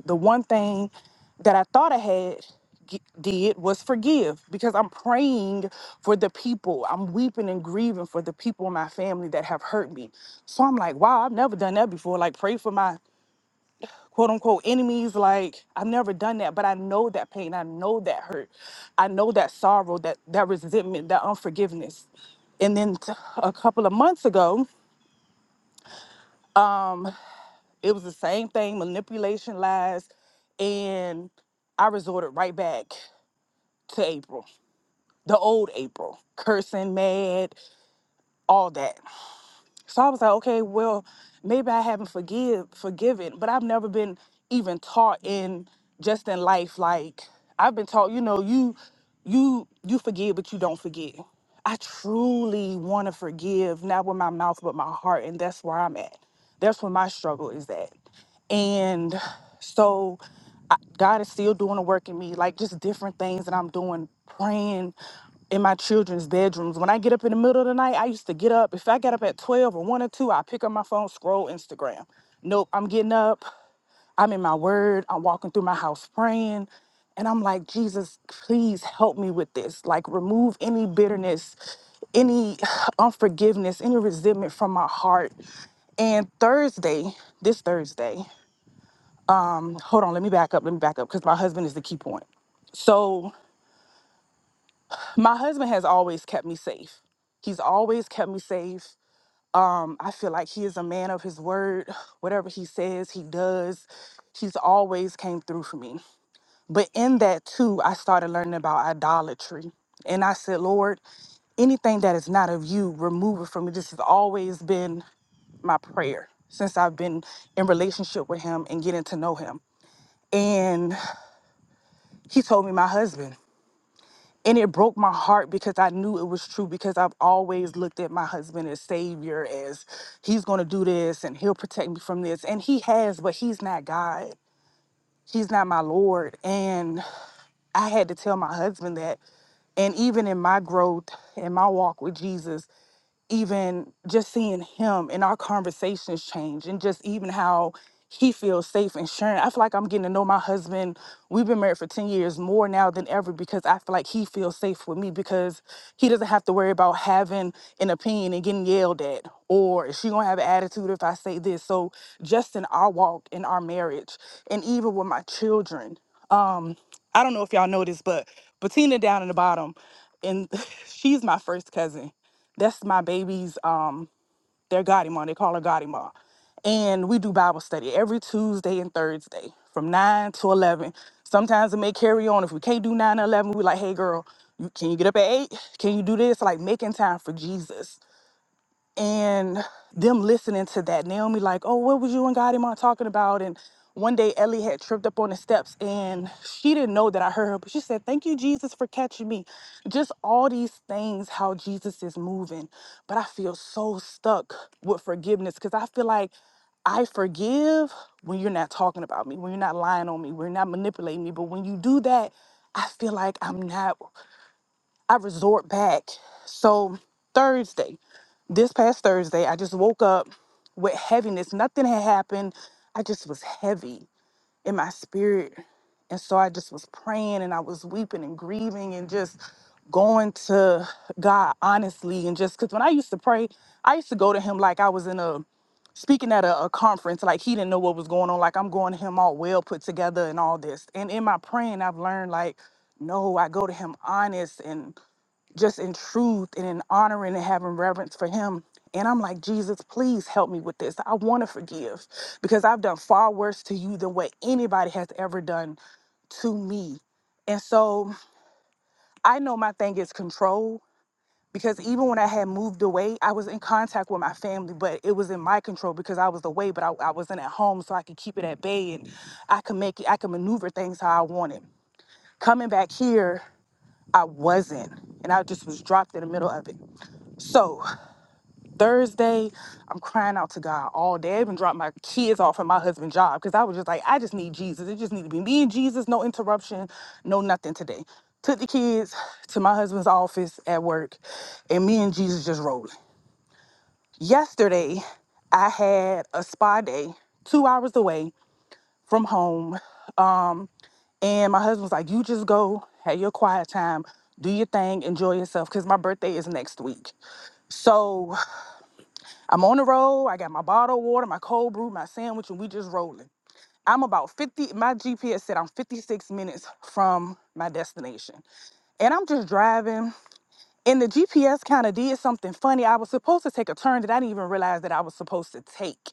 S4: the one thing that I thought I had g- did was forgive because I'm praying for the people. I'm weeping and grieving for the people in my family that have hurt me. So I'm like, wow, I've never done that before. Like, pray for my quote unquote enemies. Like, I've never done that, but I know that pain. I know that hurt. I know that sorrow, that, that resentment, that unforgiveness. And then t- a couple of months ago, It was the same thing, manipulation, lies, and I resorted right back to April, the old April, cursing, mad, all that. So I was like, okay, well, maybe I haven't forgive forgiven, but I've never been even taught in just in life like I've been taught, you know, you you you forgive but you don't forget. I truly want to forgive, not with my mouth but my heart, and that's where I'm at. That's where my struggle is at. And so I, God is still doing a work in me, like just different things that I'm doing, praying in my children's bedrooms. When I get up in the middle of the night, I used to get up. If I got up at 12 or 1 or 2, I pick up my phone, scroll Instagram. Nope, I'm getting up. I'm in my word. I'm walking through my house praying. And I'm like, Jesus, please help me with this. Like, remove any bitterness, any unforgiveness, any resentment from my heart. And Thursday, this Thursday, hold on, let me back up. Let me back up because my husband is the key point. So, my husband has always kept me safe. He's always kept me safe. Um, I feel like he is a man of his word. Whatever he says, he does. He's always came through for me. But in that too, I started learning about idolatry. And I said, Lord, anything that is not of you, remove it from me. This has always been my prayer since I've been in relationship with him and getting to know him. And he told me my husband. and it broke my heart because I knew it was true because I've always looked at my husband as savior as he's going to do this and he'll protect me from this and he has but he's not God. He's not my Lord and I had to tell my husband that and even in my growth and my walk with Jesus even just seeing him and our conversations change and just even how he feels safe and sure. I feel like I'm getting to know my husband. We've been married for 10 years more now than ever because I feel like he feels safe with me because he doesn't have to worry about having an opinion and getting yelled at or is she going to have an attitude if I say this. So just in our walk in our marriage and even with my children. Um I don't know if y'all know this but Bettina down in the bottom and she's my first cousin that's my baby's um their godmom. They call her godmom. And we do Bible study every Tuesday and Thursday from 9 to 11. Sometimes it may carry on. If we can't do 9 to 11, we're like, hey, girl, you, can you get up at 8? Can you do this? Like making time for Jesus and them listening to that naomi like oh what was you and god Imam talking about and one day ellie had tripped up on the steps and she didn't know that i heard her but she said thank you jesus for catching me just all these things how jesus is moving but i feel so stuck with forgiveness because i feel like I forgive when you're not talking about me, when you're not lying on me, when you're not manipulating me. But when you do that, I feel like I'm not. I resort back. So Thursday, this past Thursday, I just woke up with heaviness. Nothing had happened. I just was heavy in my spirit. And so I just was praying and I was weeping and grieving and just going to God honestly. And just because when I used to pray, I used to go to Him like I was in a speaking at a, a conference, like He didn't know what was going on. Like I'm going to Him all well put together and all this. And in my praying, I've learned like, no, I go to Him honest just in truth and in honoring and having reverence for him. And I'm like, Jesus, please help me with this. I want to forgive because I've done far worse to you than what anybody has ever done to me. And so I know my thing is control because even when I had moved away, I was in contact with my family, but it was in my control because I was away, but I, I wasn't at home, so I could keep it at bay and I could make it, I could maneuver things how I wanted. Coming back here, I wasn't, and I just was dropped in the middle of it. So Thursday, I'm crying out to God all day. I even dropped my kids off at my husband's job because I was just like, I just need Jesus. It just need to be me and Jesus, no interruption, no nothing today. Took the kids to my husband's office at work, and me and Jesus just rolling. Yesterday, I had a spa day two hours away from home, and my husband was like, You just go, have your quiet time, do your thing, enjoy yourself, because my birthday is next week. So I'm on the road. I got my bottle of water, my cold brew, my sandwich, and we just rolling. I'm about 50. My GPS said I'm 56 minutes from my destination. And I'm just driving. And the GPS kind of did something funny. I was supposed to take a turn that I didn't even realize that I was supposed to take.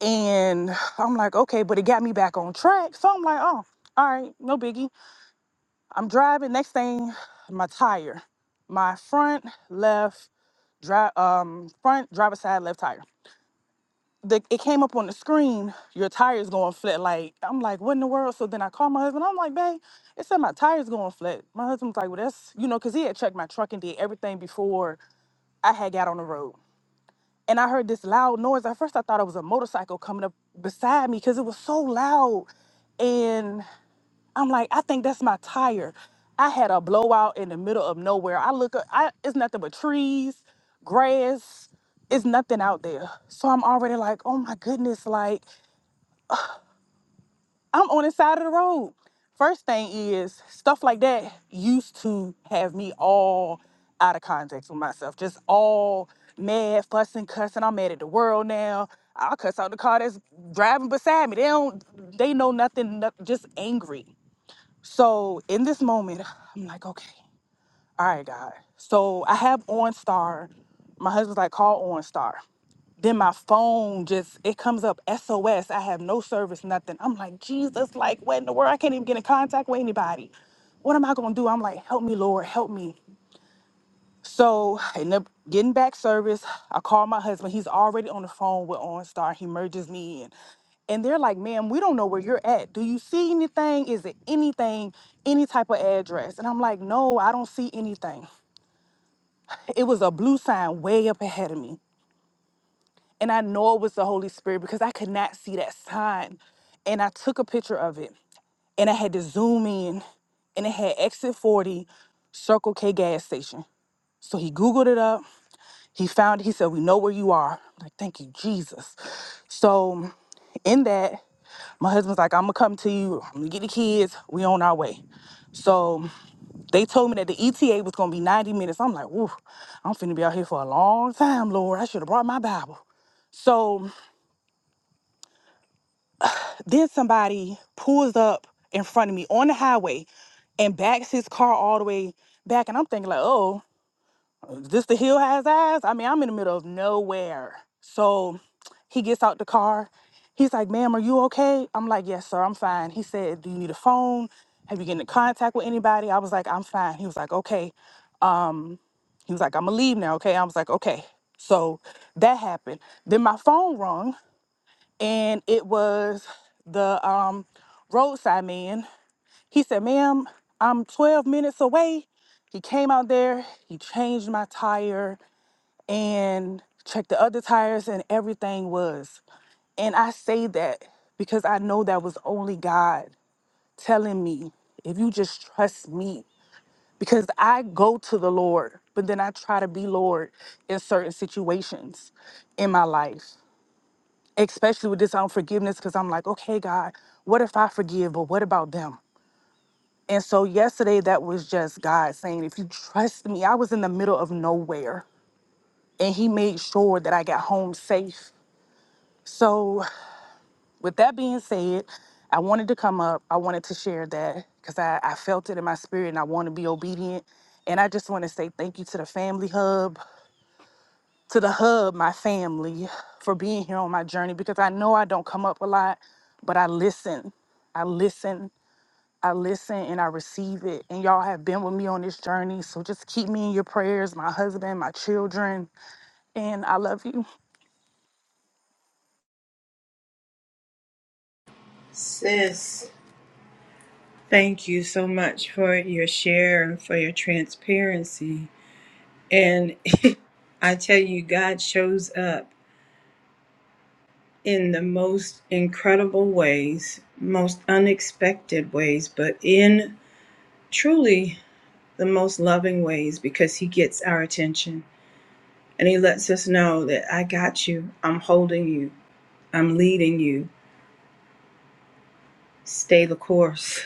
S4: And I'm like, okay, but it got me back on track. So I'm like, oh, all right, no biggie. I'm driving. Next thing, my tire, my front left, drive, um, front driver side left tire. the, it came up on the screen, your tire's going flat. Like, I'm like, what in the world? So then I called my husband. I'm like, babe, it said my tire's going flat. My husband was like, well, that's, you know, because he had checked my truck and did everything before I had got on the road. And I heard this loud noise. At first, I thought it was a motorcycle coming up beside me because it was so loud. and. I'm like, I think that's my tire. I had a blowout in the middle of nowhere. I look up, I, it's nothing but trees, grass, it's nothing out there. So I'm already like, oh my goodness, like I'm on the side of the road. First thing is, stuff like that used to have me all out of context with myself, just all mad, fussing, cussing. I'm mad at the world now. I'll cuss out the car that's driving beside me. They don't, they know nothing, no- just angry. So in this moment, I'm like, okay, all right, God. So I have OnStar. My husband's like, call OnStar. Then my phone just it comes up SOS. I have no service, nothing. I'm like, Jesus, like what in the world? I can't even get in contact with anybody. What am I gonna do? I'm like, help me, Lord, help me. So, end up getting back service. I call my husband. He's already on the phone with OnStar. He merges me in. And they're like, ma'am, we don't know where you're at. Do you see anything? Is it anything, any type of address? And I'm like, no, I don't see anything. It was a blue sign way up ahead of me. And I know it was the Holy Spirit because I could not see that sign. And I took a picture of it and I had to zoom in and it had exit 40, Circle K gas station. So he Googled it up He found, it. he said, We know where you are. I'm like, thank you, Jesus. So in that, my husband's like, I'm gonna come to you, I'm gonna get the kids, we on our way. So they told me that the ETA was gonna be 90 minutes. I'm like, woo, I'm finna be out here for a long time, Lord. I should have brought my Bible. So then somebody pulls up in front of me on the highway and backs his car all the way back. And I'm thinking, like, oh. This the hill has eyes. I mean, I'm in the middle of nowhere. So he gets out the car. He's like, ma'am, are you okay? I'm like, yes, sir, I'm fine. He said, do you need a phone? Have you get in contact with anybody? I was like, I'm fine. He was like, okay. He was like, I'm gonna leave now, okay? I was like, okay. So that happened. Then my phone rung and it was the um roadside man. He said, ma'am, I'm 12 minutes away. He came out there, he changed my tire and checked the other tires and everything was. And I say that because I know that was only God telling me, if you just trust me, because I go to the Lord, but then I try to be Lord in certain situations in my life, especially with this unforgiveness, because I'm like, okay, God, what if I forgive, but what about them? And so yesterday, that was just God saying, if you trust me, I was in the middle of nowhere. And he made sure that I got home safe. So, with that being said, I wanted to come up. I wanted to share that because I, I felt it in my spirit and I want to be obedient. And I just want to say thank you to the Family Hub, to the Hub, my family, for being here on my journey because I know I don't come up a lot, but I listen. I listen. I listen and I receive it. And y'all have been with me on this journey. So just keep me in your prayers, my husband, my children. And I love you.
S1: Sis. Thank you so much for your share and for your transparency. And I tell you, God shows up in the most incredible ways, most unexpected ways, but in truly the most loving ways because He gets our attention and He lets us know that I got you, I'm holding you, I'm leading you. Stay the course.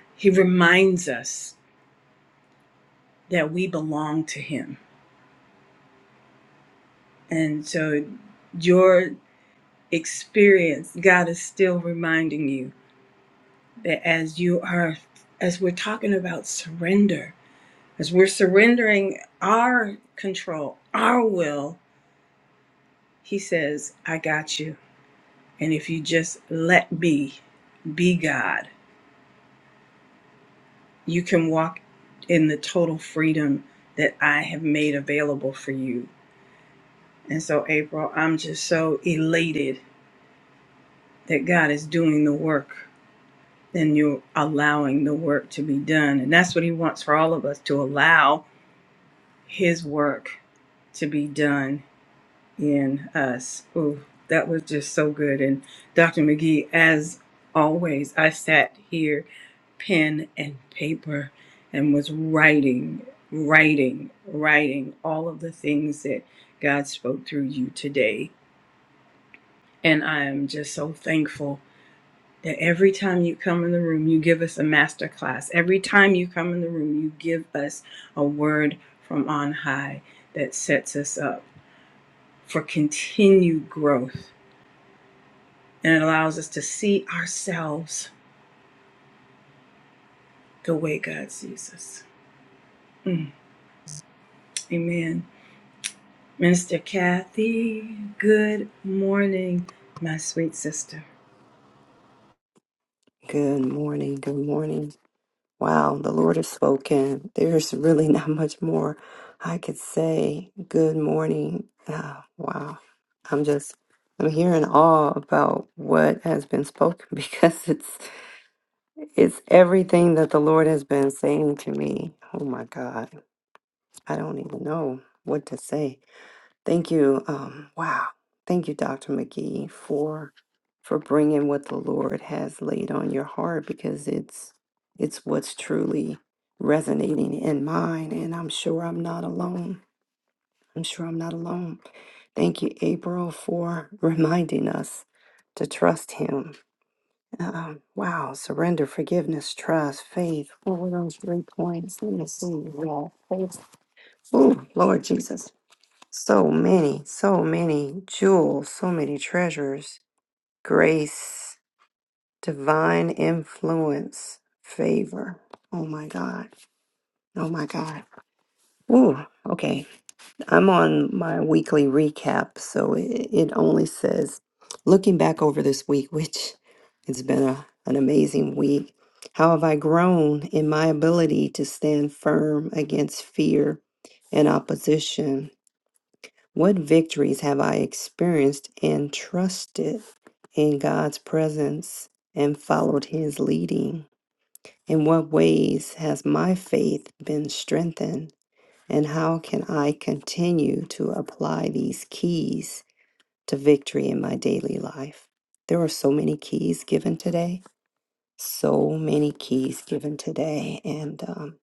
S1: he reminds us that we belong to Him. And so, your experience, God is still reminding you that as you are, as we're talking about surrender, as we're surrendering our control, our will, He says, I got you. And if you just let be, be God, you can walk in the total freedom that I have made available for you. And so, April, I'm just so elated that God is doing the work then you're allowing the work to be done. And that's what he wants for all of us to allow his work to be done in us. Ooh, that was just so good. And Dr. McGee, as always, I sat here, pen and paper, and was writing, writing, writing all of the things that God spoke through you today. And I am just so thankful that every time you come in the room, you give us a master class. Every time you come in the room, you give us a word from on high that sets us up for continued growth and it allows us to see ourselves the way God sees us. Mm, amen. Minister Kathy, good morning, my sweet sister.
S5: Good morning. Good morning. Wow, the Lord has spoken. There's really not much more I could say. Good morning. Ah, wow. I'm just I'm here in awe about what has been spoken because it's it's everything that the Lord has been saying to me. Oh my God. I don't even know what to say. Thank you. Um, wow. Thank you, Dr. McGee, for for bringing what the Lord has laid on your heart because it's it's what's truly resonating in mine, and I'm sure I'm not alone. I'm sure I'm not alone. Thank you, April, for reminding us to trust Him. Um, wow, surrender, forgiveness, trust, faith. What were those three points? Let me see. Yeah, faith. Oh, Lord Jesus. So many, so many jewels, so many treasures, grace, divine influence, favor. Oh my God. Oh my God. Ooh, okay. I'm on my weekly recap, so it, it only says looking back over this week, which it's been a, an amazing week. How have I grown in my ability to stand firm against fear and opposition? What victories have I experienced and trusted in God's presence and followed His leading? In what ways has my faith been strengthened? And how can I continue to apply these keys to victory in my daily life? There are so many keys given today. So many keys given today. And um,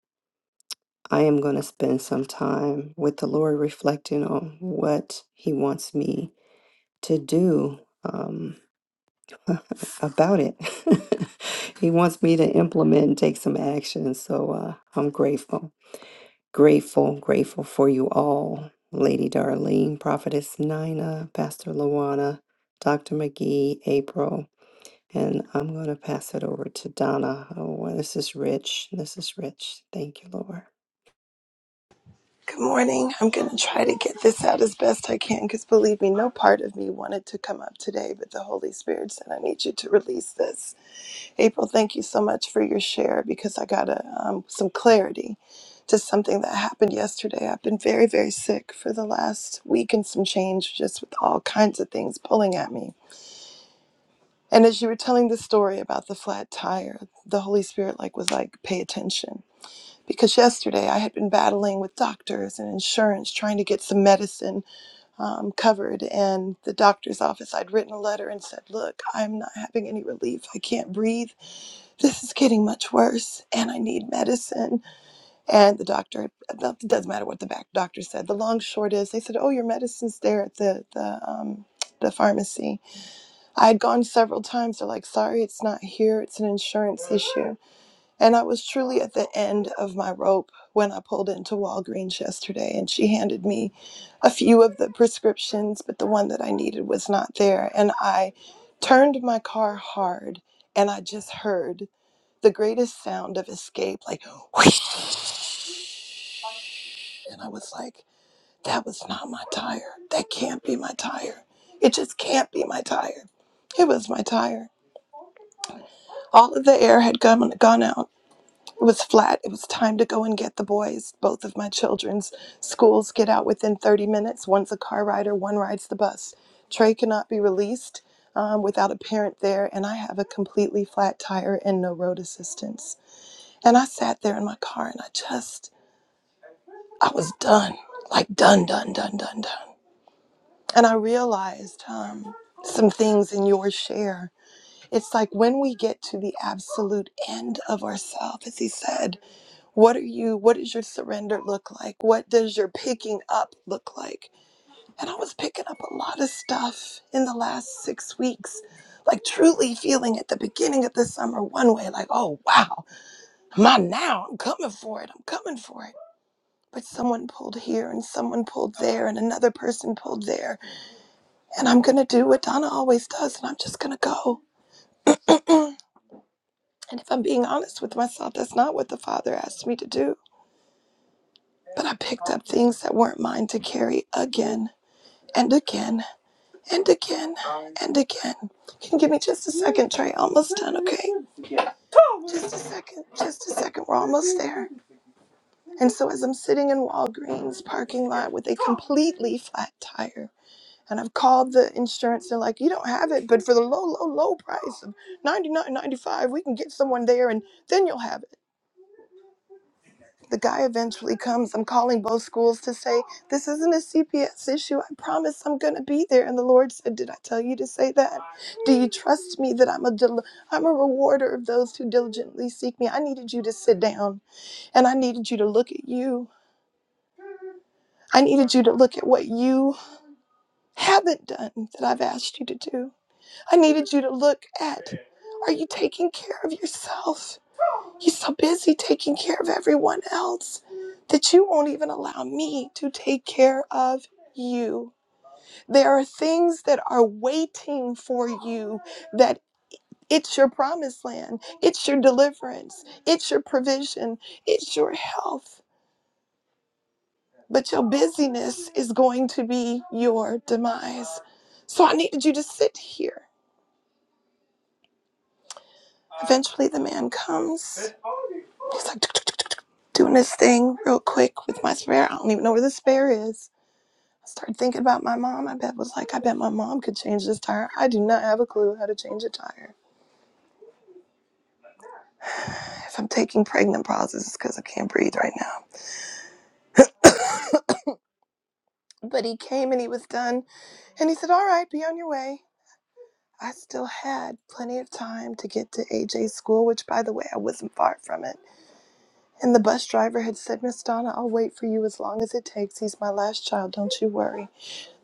S5: I am going to spend some time with the Lord reflecting on what He wants me to do um, about it. he wants me to implement and take some action. So uh, I'm grateful, grateful, grateful for you all, Lady Darlene, Prophetess Nina, Pastor Lawana, Dr. McGee, April. And I'm going to pass it over to Donna. Oh, well, this is rich. This is rich. Thank you, Lord.
S6: Good morning. I'm going to try to get this out as best I can because believe me, no part of me wanted to come up today, but the Holy Spirit said, I need you to release this. April, thank you so much for your share because I got a, um, some clarity to something that happened yesterday. I've been very, very sick for the last week and some change, just with all kinds of things pulling at me. And as you were telling the story about the flat tire, the Holy Spirit like was like, pay attention because yesterday I had been battling with doctors and insurance trying to get some medicine um, covered. And the doctor's office, I'd written a letter and said, Look, I'm not having any relief. I can't breathe. This is getting much worse and I need medicine. And the doctor, it doesn't matter what the back doctor said. The long short is they said, Oh, your medicine's there at the, the, um, the pharmacy. I had gone several times. They're like, Sorry, it's not here. It's an insurance issue. And I was truly at the end of my rope when I pulled into Walgreens yesterday, and she handed me a few of the prescriptions, but the one that I needed was not there. And I turned my car hard, and I just heard the greatest sound of escape like, whoosh. And I was like, that was not my tire. That can't be my tire. It just can't be my tire. It was my tire. All of the air had gone, gone out It was flat. It was time to go and get the boys. Both of my children's schools get out within 30 minutes. One's a car rider, one rides the bus. Trey cannot be released um, without a parent there, and I have a completely flat tire and no road assistance. And I sat there in my car and I just, I was done. Like, done, done, done, done, done. And I realized um, some things in your share. It's like when we get to the absolute end of ourselves, as he said. What are you, what does your surrender look like? What does your picking up look like? And I was picking up a lot of stuff in the last six weeks, like truly feeling at the beginning of the summer one way, like, oh, wow, I'm on now. I'm coming for it. I'm coming for it. But someone pulled here and someone pulled there and another person pulled there. And I'm going to do what Donna always does and I'm just going to go. And if I'm being honest with myself, that's not what the Father asked me to do. But I picked up things that weren't mine to carry again and again and again and again. Can you give me just a second, Trey? Almost done, okay? Just a second, just a second. We're almost there. And so, as I'm sitting in Walgreens parking lot with a completely flat tire, and I've called the insurance, they're like, "You don't have it, but for the low, low, low price of ninety nine ninety five, we can get someone there, and then you'll have it." the guy eventually comes. I'm calling both schools to say, This isn't a CPS issue. I promise I'm going to be there. And the Lord said, Did I tell you to say that? Do you trust me that I'm a, del- I'm a rewarder of those who diligently seek me? I needed you to sit down and I needed you to look at you. I needed you to look at what you haven't done that I've asked you to do. I needed you to look at are you taking care of yourself? He's so busy taking care of everyone else that you won't even allow me to take care of you. There are things that are waiting for you that it's your promised land, it's your deliverance, it's your provision, it's your health. But your busyness is going to be your demise. So I needed you to sit here Eventually, the man comes. He's like doing his thing real quick with my spare. I don't even know where the spare is. I started thinking about my mom. I bet was like, I bet my mom could change this tire. I do not have a clue how to change a tire. If I'm taking pregnant pauses, it's because I can't breathe right now. But he came and he was done, and he said, "All right, be on your way." I still had plenty of time to get to AJ's school, which, by the way, I wasn't far from it. And the bus driver had said, Miss Donna, I'll wait for you as long as it takes. He's my last child, don't you worry.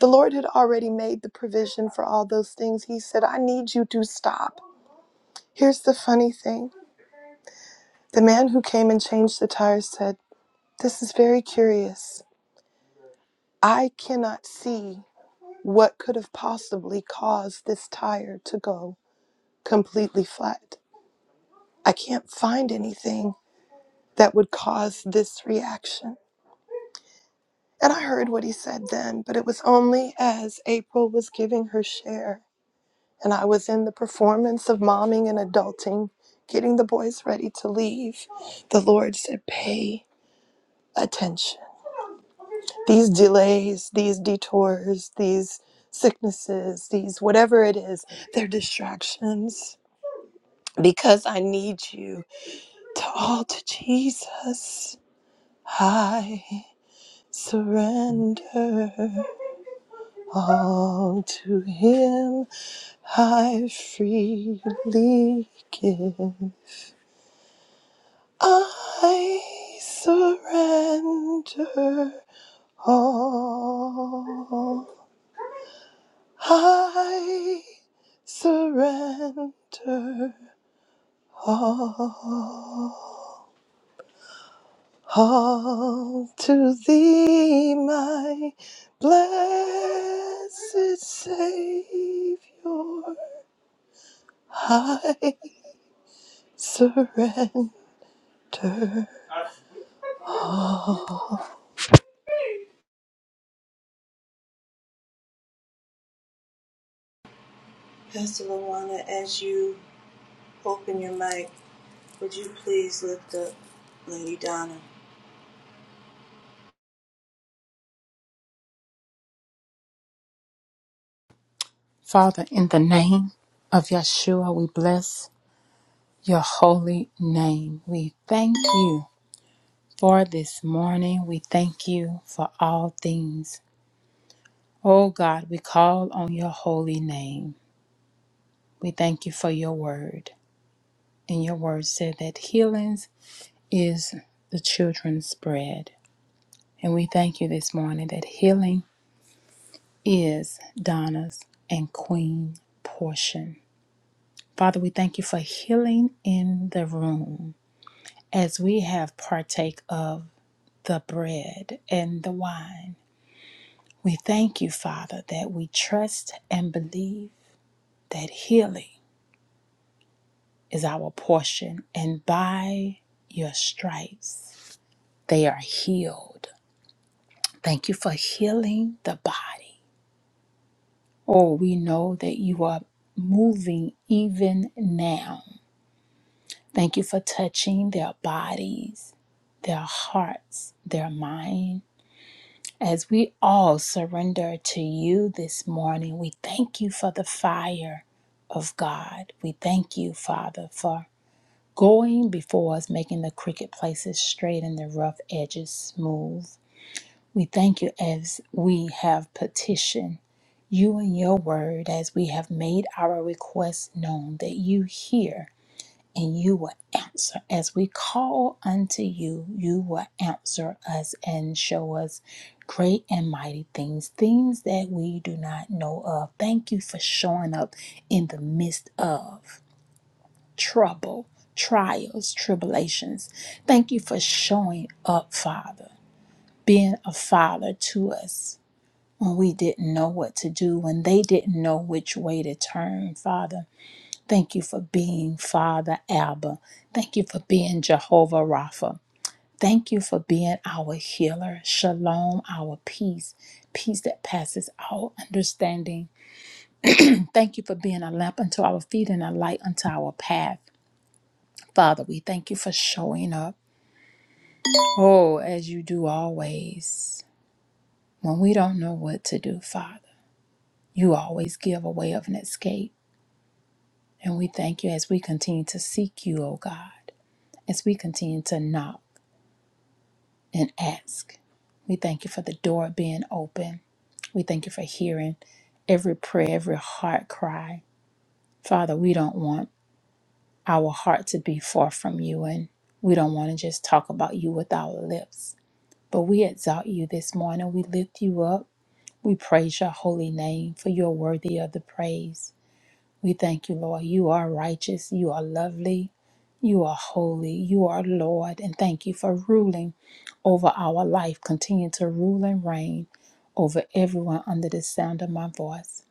S6: The Lord had already made the provision for all those things. He said, I need you to stop. Here's the funny thing the man who came and changed the tires said, This is very curious. I cannot see what could have possibly caused this tire to go completely flat. I can't find anything that would cause this reaction. And I heard what he said then, but it was only as April was giving her share and I was in the performance of momming and adulting, getting the boys ready to leave. The Lord said, Pay attention. These delays, these detours, these sicknesses, these whatever it is, they're distractions. Because I need you to all to Jesus. I surrender all to Him. I freely give. I surrender all. I surrender all. All to thee, my blessed Savior. I surrender.
S1: Pastor Luana, as you open your mic, would you please lift up Lady Donna?
S7: Father, in the name of Yeshua, we bless your holy name. We thank you for this morning. We thank you for all things. Oh God, we call on your holy name. We thank you for your word. And your word said that healing is the children's bread. And we thank you this morning that healing is Donna's and Queen portion. Father, we thank you for healing in the room. as we have partake of the bread and the wine. We thank you, Father, that we trust and believe that healing is our portion, and by your stripes they are healed. Thank you for healing the body. Oh, we know that you are moving even now. Thank you for touching their bodies, their hearts, their minds As we all surrender to you this morning, we thank you for the fire of God. We thank you, Father, for going before us, making the crooked places straight and the rough edges smooth. We thank you as we have petitioned you and your word, as we have made our requests known, that you hear and you will answer. As we call unto you, you will answer us and show us great and mighty things, things that we do not know of. Thank you for showing up in the midst of trouble, trials, tribulations. Thank you for showing up, Father, being a father to us. When we didn't know what to do, when they didn't know which way to turn, Father. Thank you for being Father Abba. Thank you for being Jehovah Rapha. Thank you for being our healer. Shalom, our peace, peace that passes all understanding. Thank you for being a lamp unto our feet and a light unto our path. Father, we thank you for showing up. Oh, as you do always. When we don't know what to do, Father, you always give a way of an escape. And we thank you as we continue to seek you, oh God, as we continue to knock. and ask. We thank you for the door being open. We thank you for hearing every prayer, every heart cry. Father, we don't want our heart to be far from you, and we don't want to just talk about you with our lips. But we exalt you this morning. We lift you up. We praise your holy name, for you're worthy of the praise. We thank you, Lord. You are righteous. You are lovely. You are holy. You are Lord. And thank you for ruling over our life. Continue to rule and reign over everyone under the sound of my voice.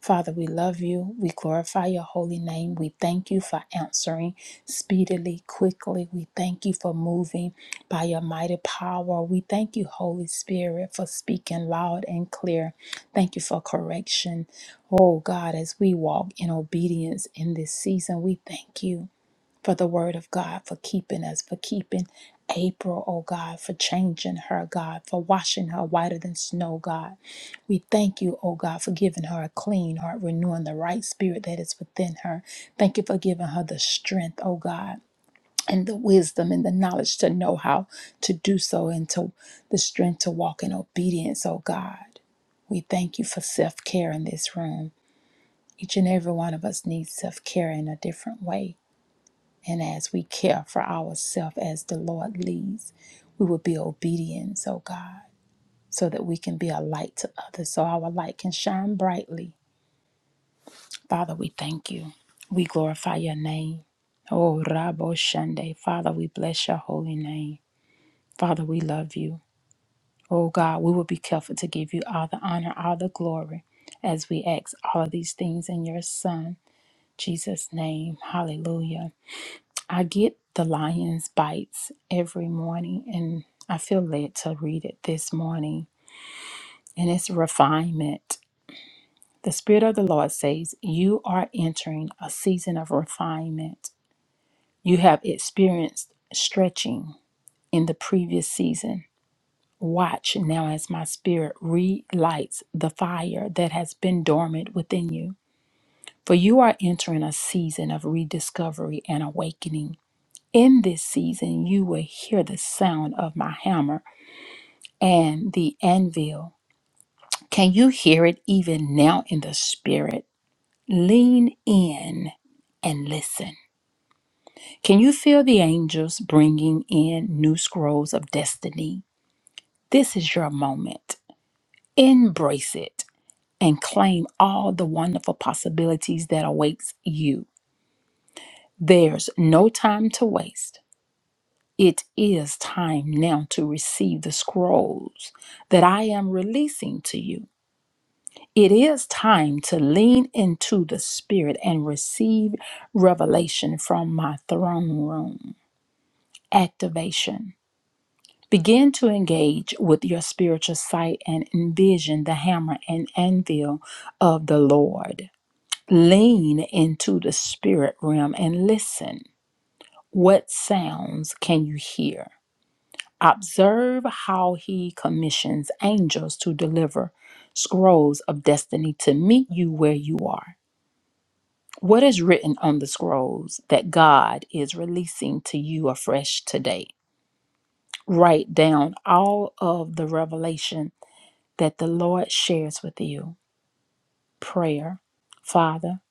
S7: Father, we love you. We glorify your holy name. We thank you for answering speedily, quickly. We thank you for moving by your mighty power. We thank you, Holy Spirit, for speaking loud and clear. Thank you for correction. Oh God, as we walk in obedience in this season, we thank you for the word of God, for keeping us, for keeping April, oh God, for changing her, God, for washing her whiter than snow, God. We thank you, oh God, for giving her a clean heart, renewing the right spirit that is within her. Thank you for giving her the strength, oh God. And the wisdom and the knowledge to know how to do so, and to the strength to walk in obedience, oh God. We thank you for self care in this room. Each and every one of us needs self care in a different way. And as we care for ourselves as the Lord leads, we will be obedient, oh God, so that we can be a light to others, so our light can shine brightly. Father, we thank you. We glorify your name. Oh, Rabo Shande. Father, we bless your holy name. Father, we love you. Oh, God, we will be careful to give you all the honor, all the glory, as we ask all of these things in your Son, Jesus' name. Hallelujah. I get the lion's bites every morning, and I feel led to read it this morning. And it's refinement. The Spirit of the Lord says, You are entering a season of refinement. You have experienced stretching in the previous season. Watch now as my spirit relights the fire that has been dormant within you. For you are entering a season of rediscovery and awakening. In this season, you will hear the sound of my hammer and the anvil. Can you hear it even now in the spirit? Lean in and listen. Can you feel the angels bringing in new scrolls of destiny? This is your moment. Embrace it and claim all the wonderful possibilities that awaits you. There's no time to waste. It is time now to receive the scrolls that I am releasing to you. It is time to lean into the Spirit and receive revelation from my throne room. Activation. Begin to engage with your spiritual sight and envision the hammer and anvil of the Lord. Lean into the spirit realm and listen. What sounds can you hear? Observe how he commissions angels to deliver scrolls of destiny to meet you where you are. What is written on the scrolls that God is releasing to you afresh today? Write down all of the revelation that the Lord shares with you. Prayer. Father,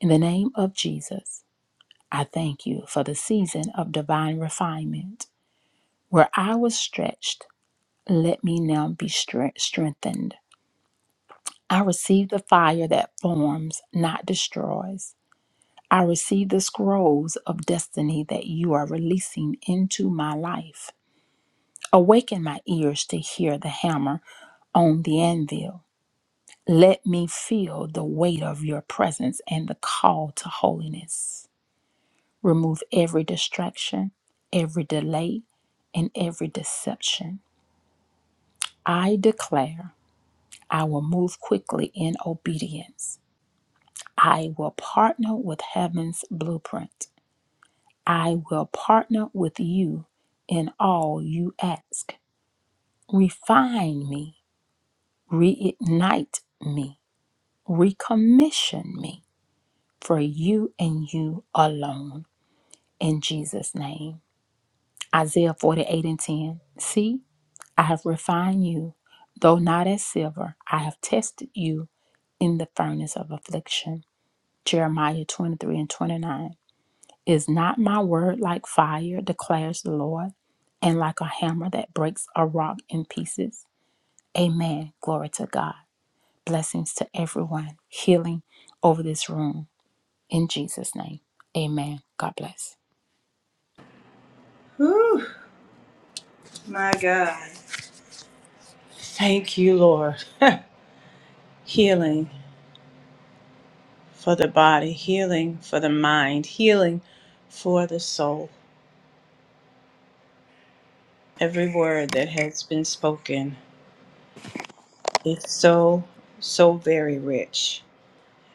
S7: in the name of Jesus, I thank you for the season of divine refinement. Where I was stretched, let me now be stre- strengthened. I receive the fire that forms, not destroys. I receive the scrolls of destiny that you are releasing into my life. Awaken my ears to hear the hammer on the anvil. Let me feel the weight of your presence and the call to holiness. Remove every distraction, every delay, and every deception. I declare I will move quickly in obedience. I will partner with heaven's blueprint. I will partner with you in all you ask. Refine me, reignite me, recommission me for you and you alone. In Jesus' name. Isaiah 48 and 10. See, I have refined you, though not as silver, I have tested you in the furnace of affliction. Jeremiah 23 and 29. Is not my word like fire, declares the Lord, and like a hammer that breaks a rock in pieces? Amen. Glory to God. Blessings to everyone. Healing over this room. In Jesus' name. Amen. God bless.
S1: Whew. My God. Thank you, Lord. healing for the body, healing for the mind, healing for the soul. Every word that has been spoken is so, so very rich.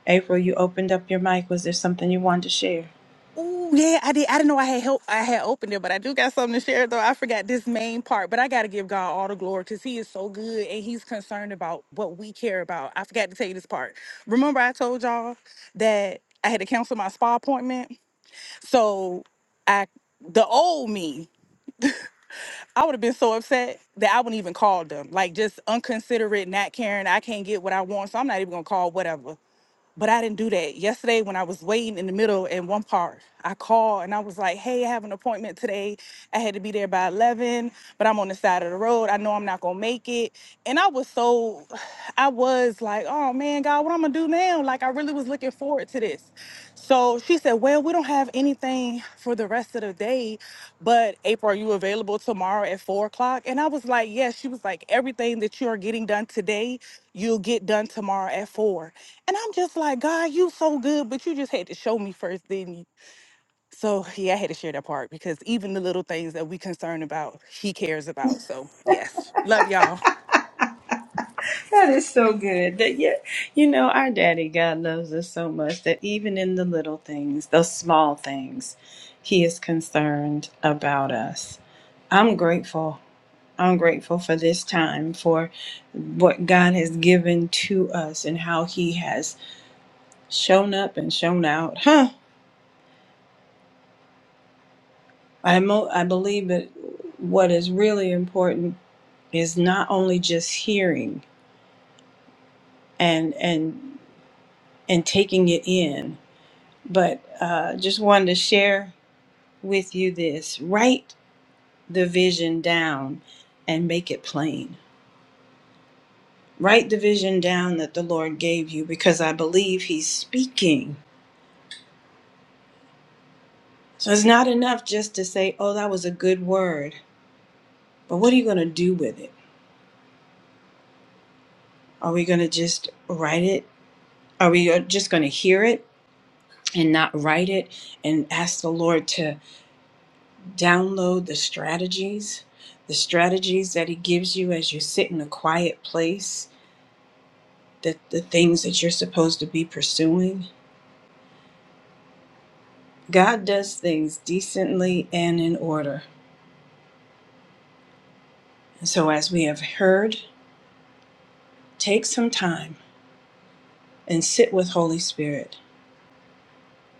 S1: April, you opened up your mic. Was there something you wanted to share?
S4: Oh yeah, I did. I didn't know I had help. I had opened it, but I do got something to share though. I forgot this main part, but I gotta give God all the glory because He is so good and He's concerned about what we care about. I forgot to tell you this part. Remember, I told y'all that I had to cancel my spa appointment. So I, the old me, I would have been so upset that I wouldn't even call them. Like just unconsiderate, not caring. I can't get what I want, so I'm not even gonna call whatever. But I didn't do that. Yesterday, when I was waiting in the middle in one part, I called and I was like, hey, I have an appointment today. I had to be there by 11, but I'm on the side of the road. I know I'm not going to make it. And I was so, I was like, oh man, God, what I'm going to do now? Like, I really was looking forward to this. So she said, well, we don't have anything for the rest of the day, but April, are you available tomorrow at four o'clock? And I was like, yes. She was like, everything that you are getting done today, you'll get done tomorrow at four. And I'm just like, God, you so good, but you just had to show me first, didn't you? So yeah, I had to share that part because even the little things that we concerned about, he cares about. So yes. Love y'all.
S1: That is so good. That you, you know, our daddy God loves us so much that even in the little things, those small things, he is concerned about us. I'm grateful I'm grateful for this time, for what God has given to us and how He has shown up and shown out. Huh. I, mo- I believe that what is really important is not only just hearing and and and taking it in, but uh, just wanted to share with you this: write the vision down and make it plain. Write the vision down that the Lord gave you, because I believe He's speaking So it's not enough just to say, oh, that was a good word. But what are you going to do with it? Are we going to just write it? Are we uh, just going to hear it and not write it and ask the Lord to download the strategies, the strategies that He gives you as you sit in a quiet place, that the things that you're supposed to be pursuing? God does things decently and in order. And so, as we have heard, take some time and sit with Holy Spirit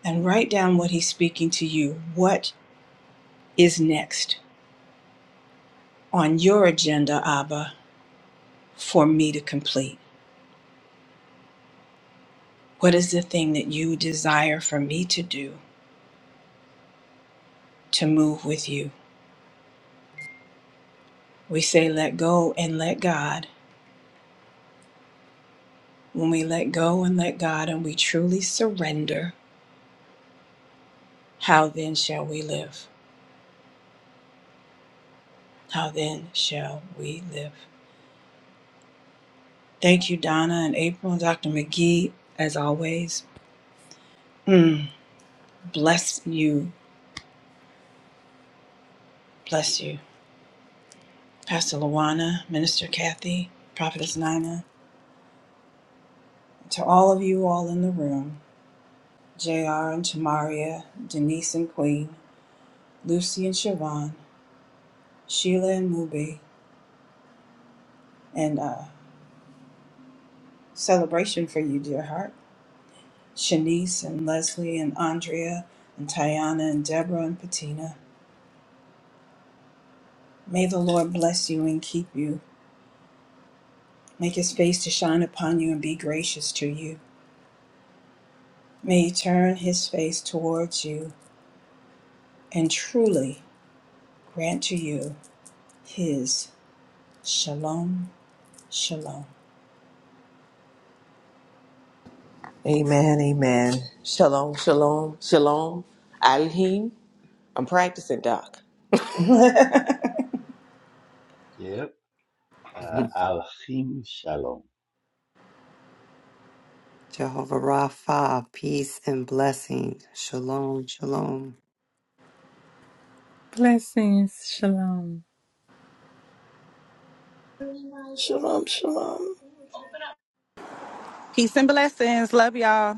S1: and write down what He's speaking to you. What is next on your agenda, Abba, for me to complete? What is the thing that you desire for me to do to move with you? We say, let go and let God. When we let go and let God and we truly surrender, how then shall we live? How then shall we live? Thank you, Donna and April and Dr. McGee, as always. Mm, bless you. Bless you. Pastor Luana, Minister Kathy, Prophetess Nina, to all of you all in the room, J.R. and Tamaria, Denise and Queen, Lucy and Siobhan, Sheila and Mube, and uh, celebration for you, dear heart, Shanice and Leslie and Andrea and Tiana and Deborah and Patina. May the Lord bless you and keep you. Make his face to shine upon you and be gracious to you. May he turn his face towards you and truly grant to you His shalom, shalom.
S2: Amen, amen. Shalom, shalom, shalom. Alhim. I'm practicing, Doc.
S3: Yep. Uh, Alchim Shalom.
S5: Jehovah Rapha, peace and blessing. Shalom, shalom.
S7: Blessings. Shalom.
S6: Shalom, shalom.
S4: Peace and blessings. Love y'all.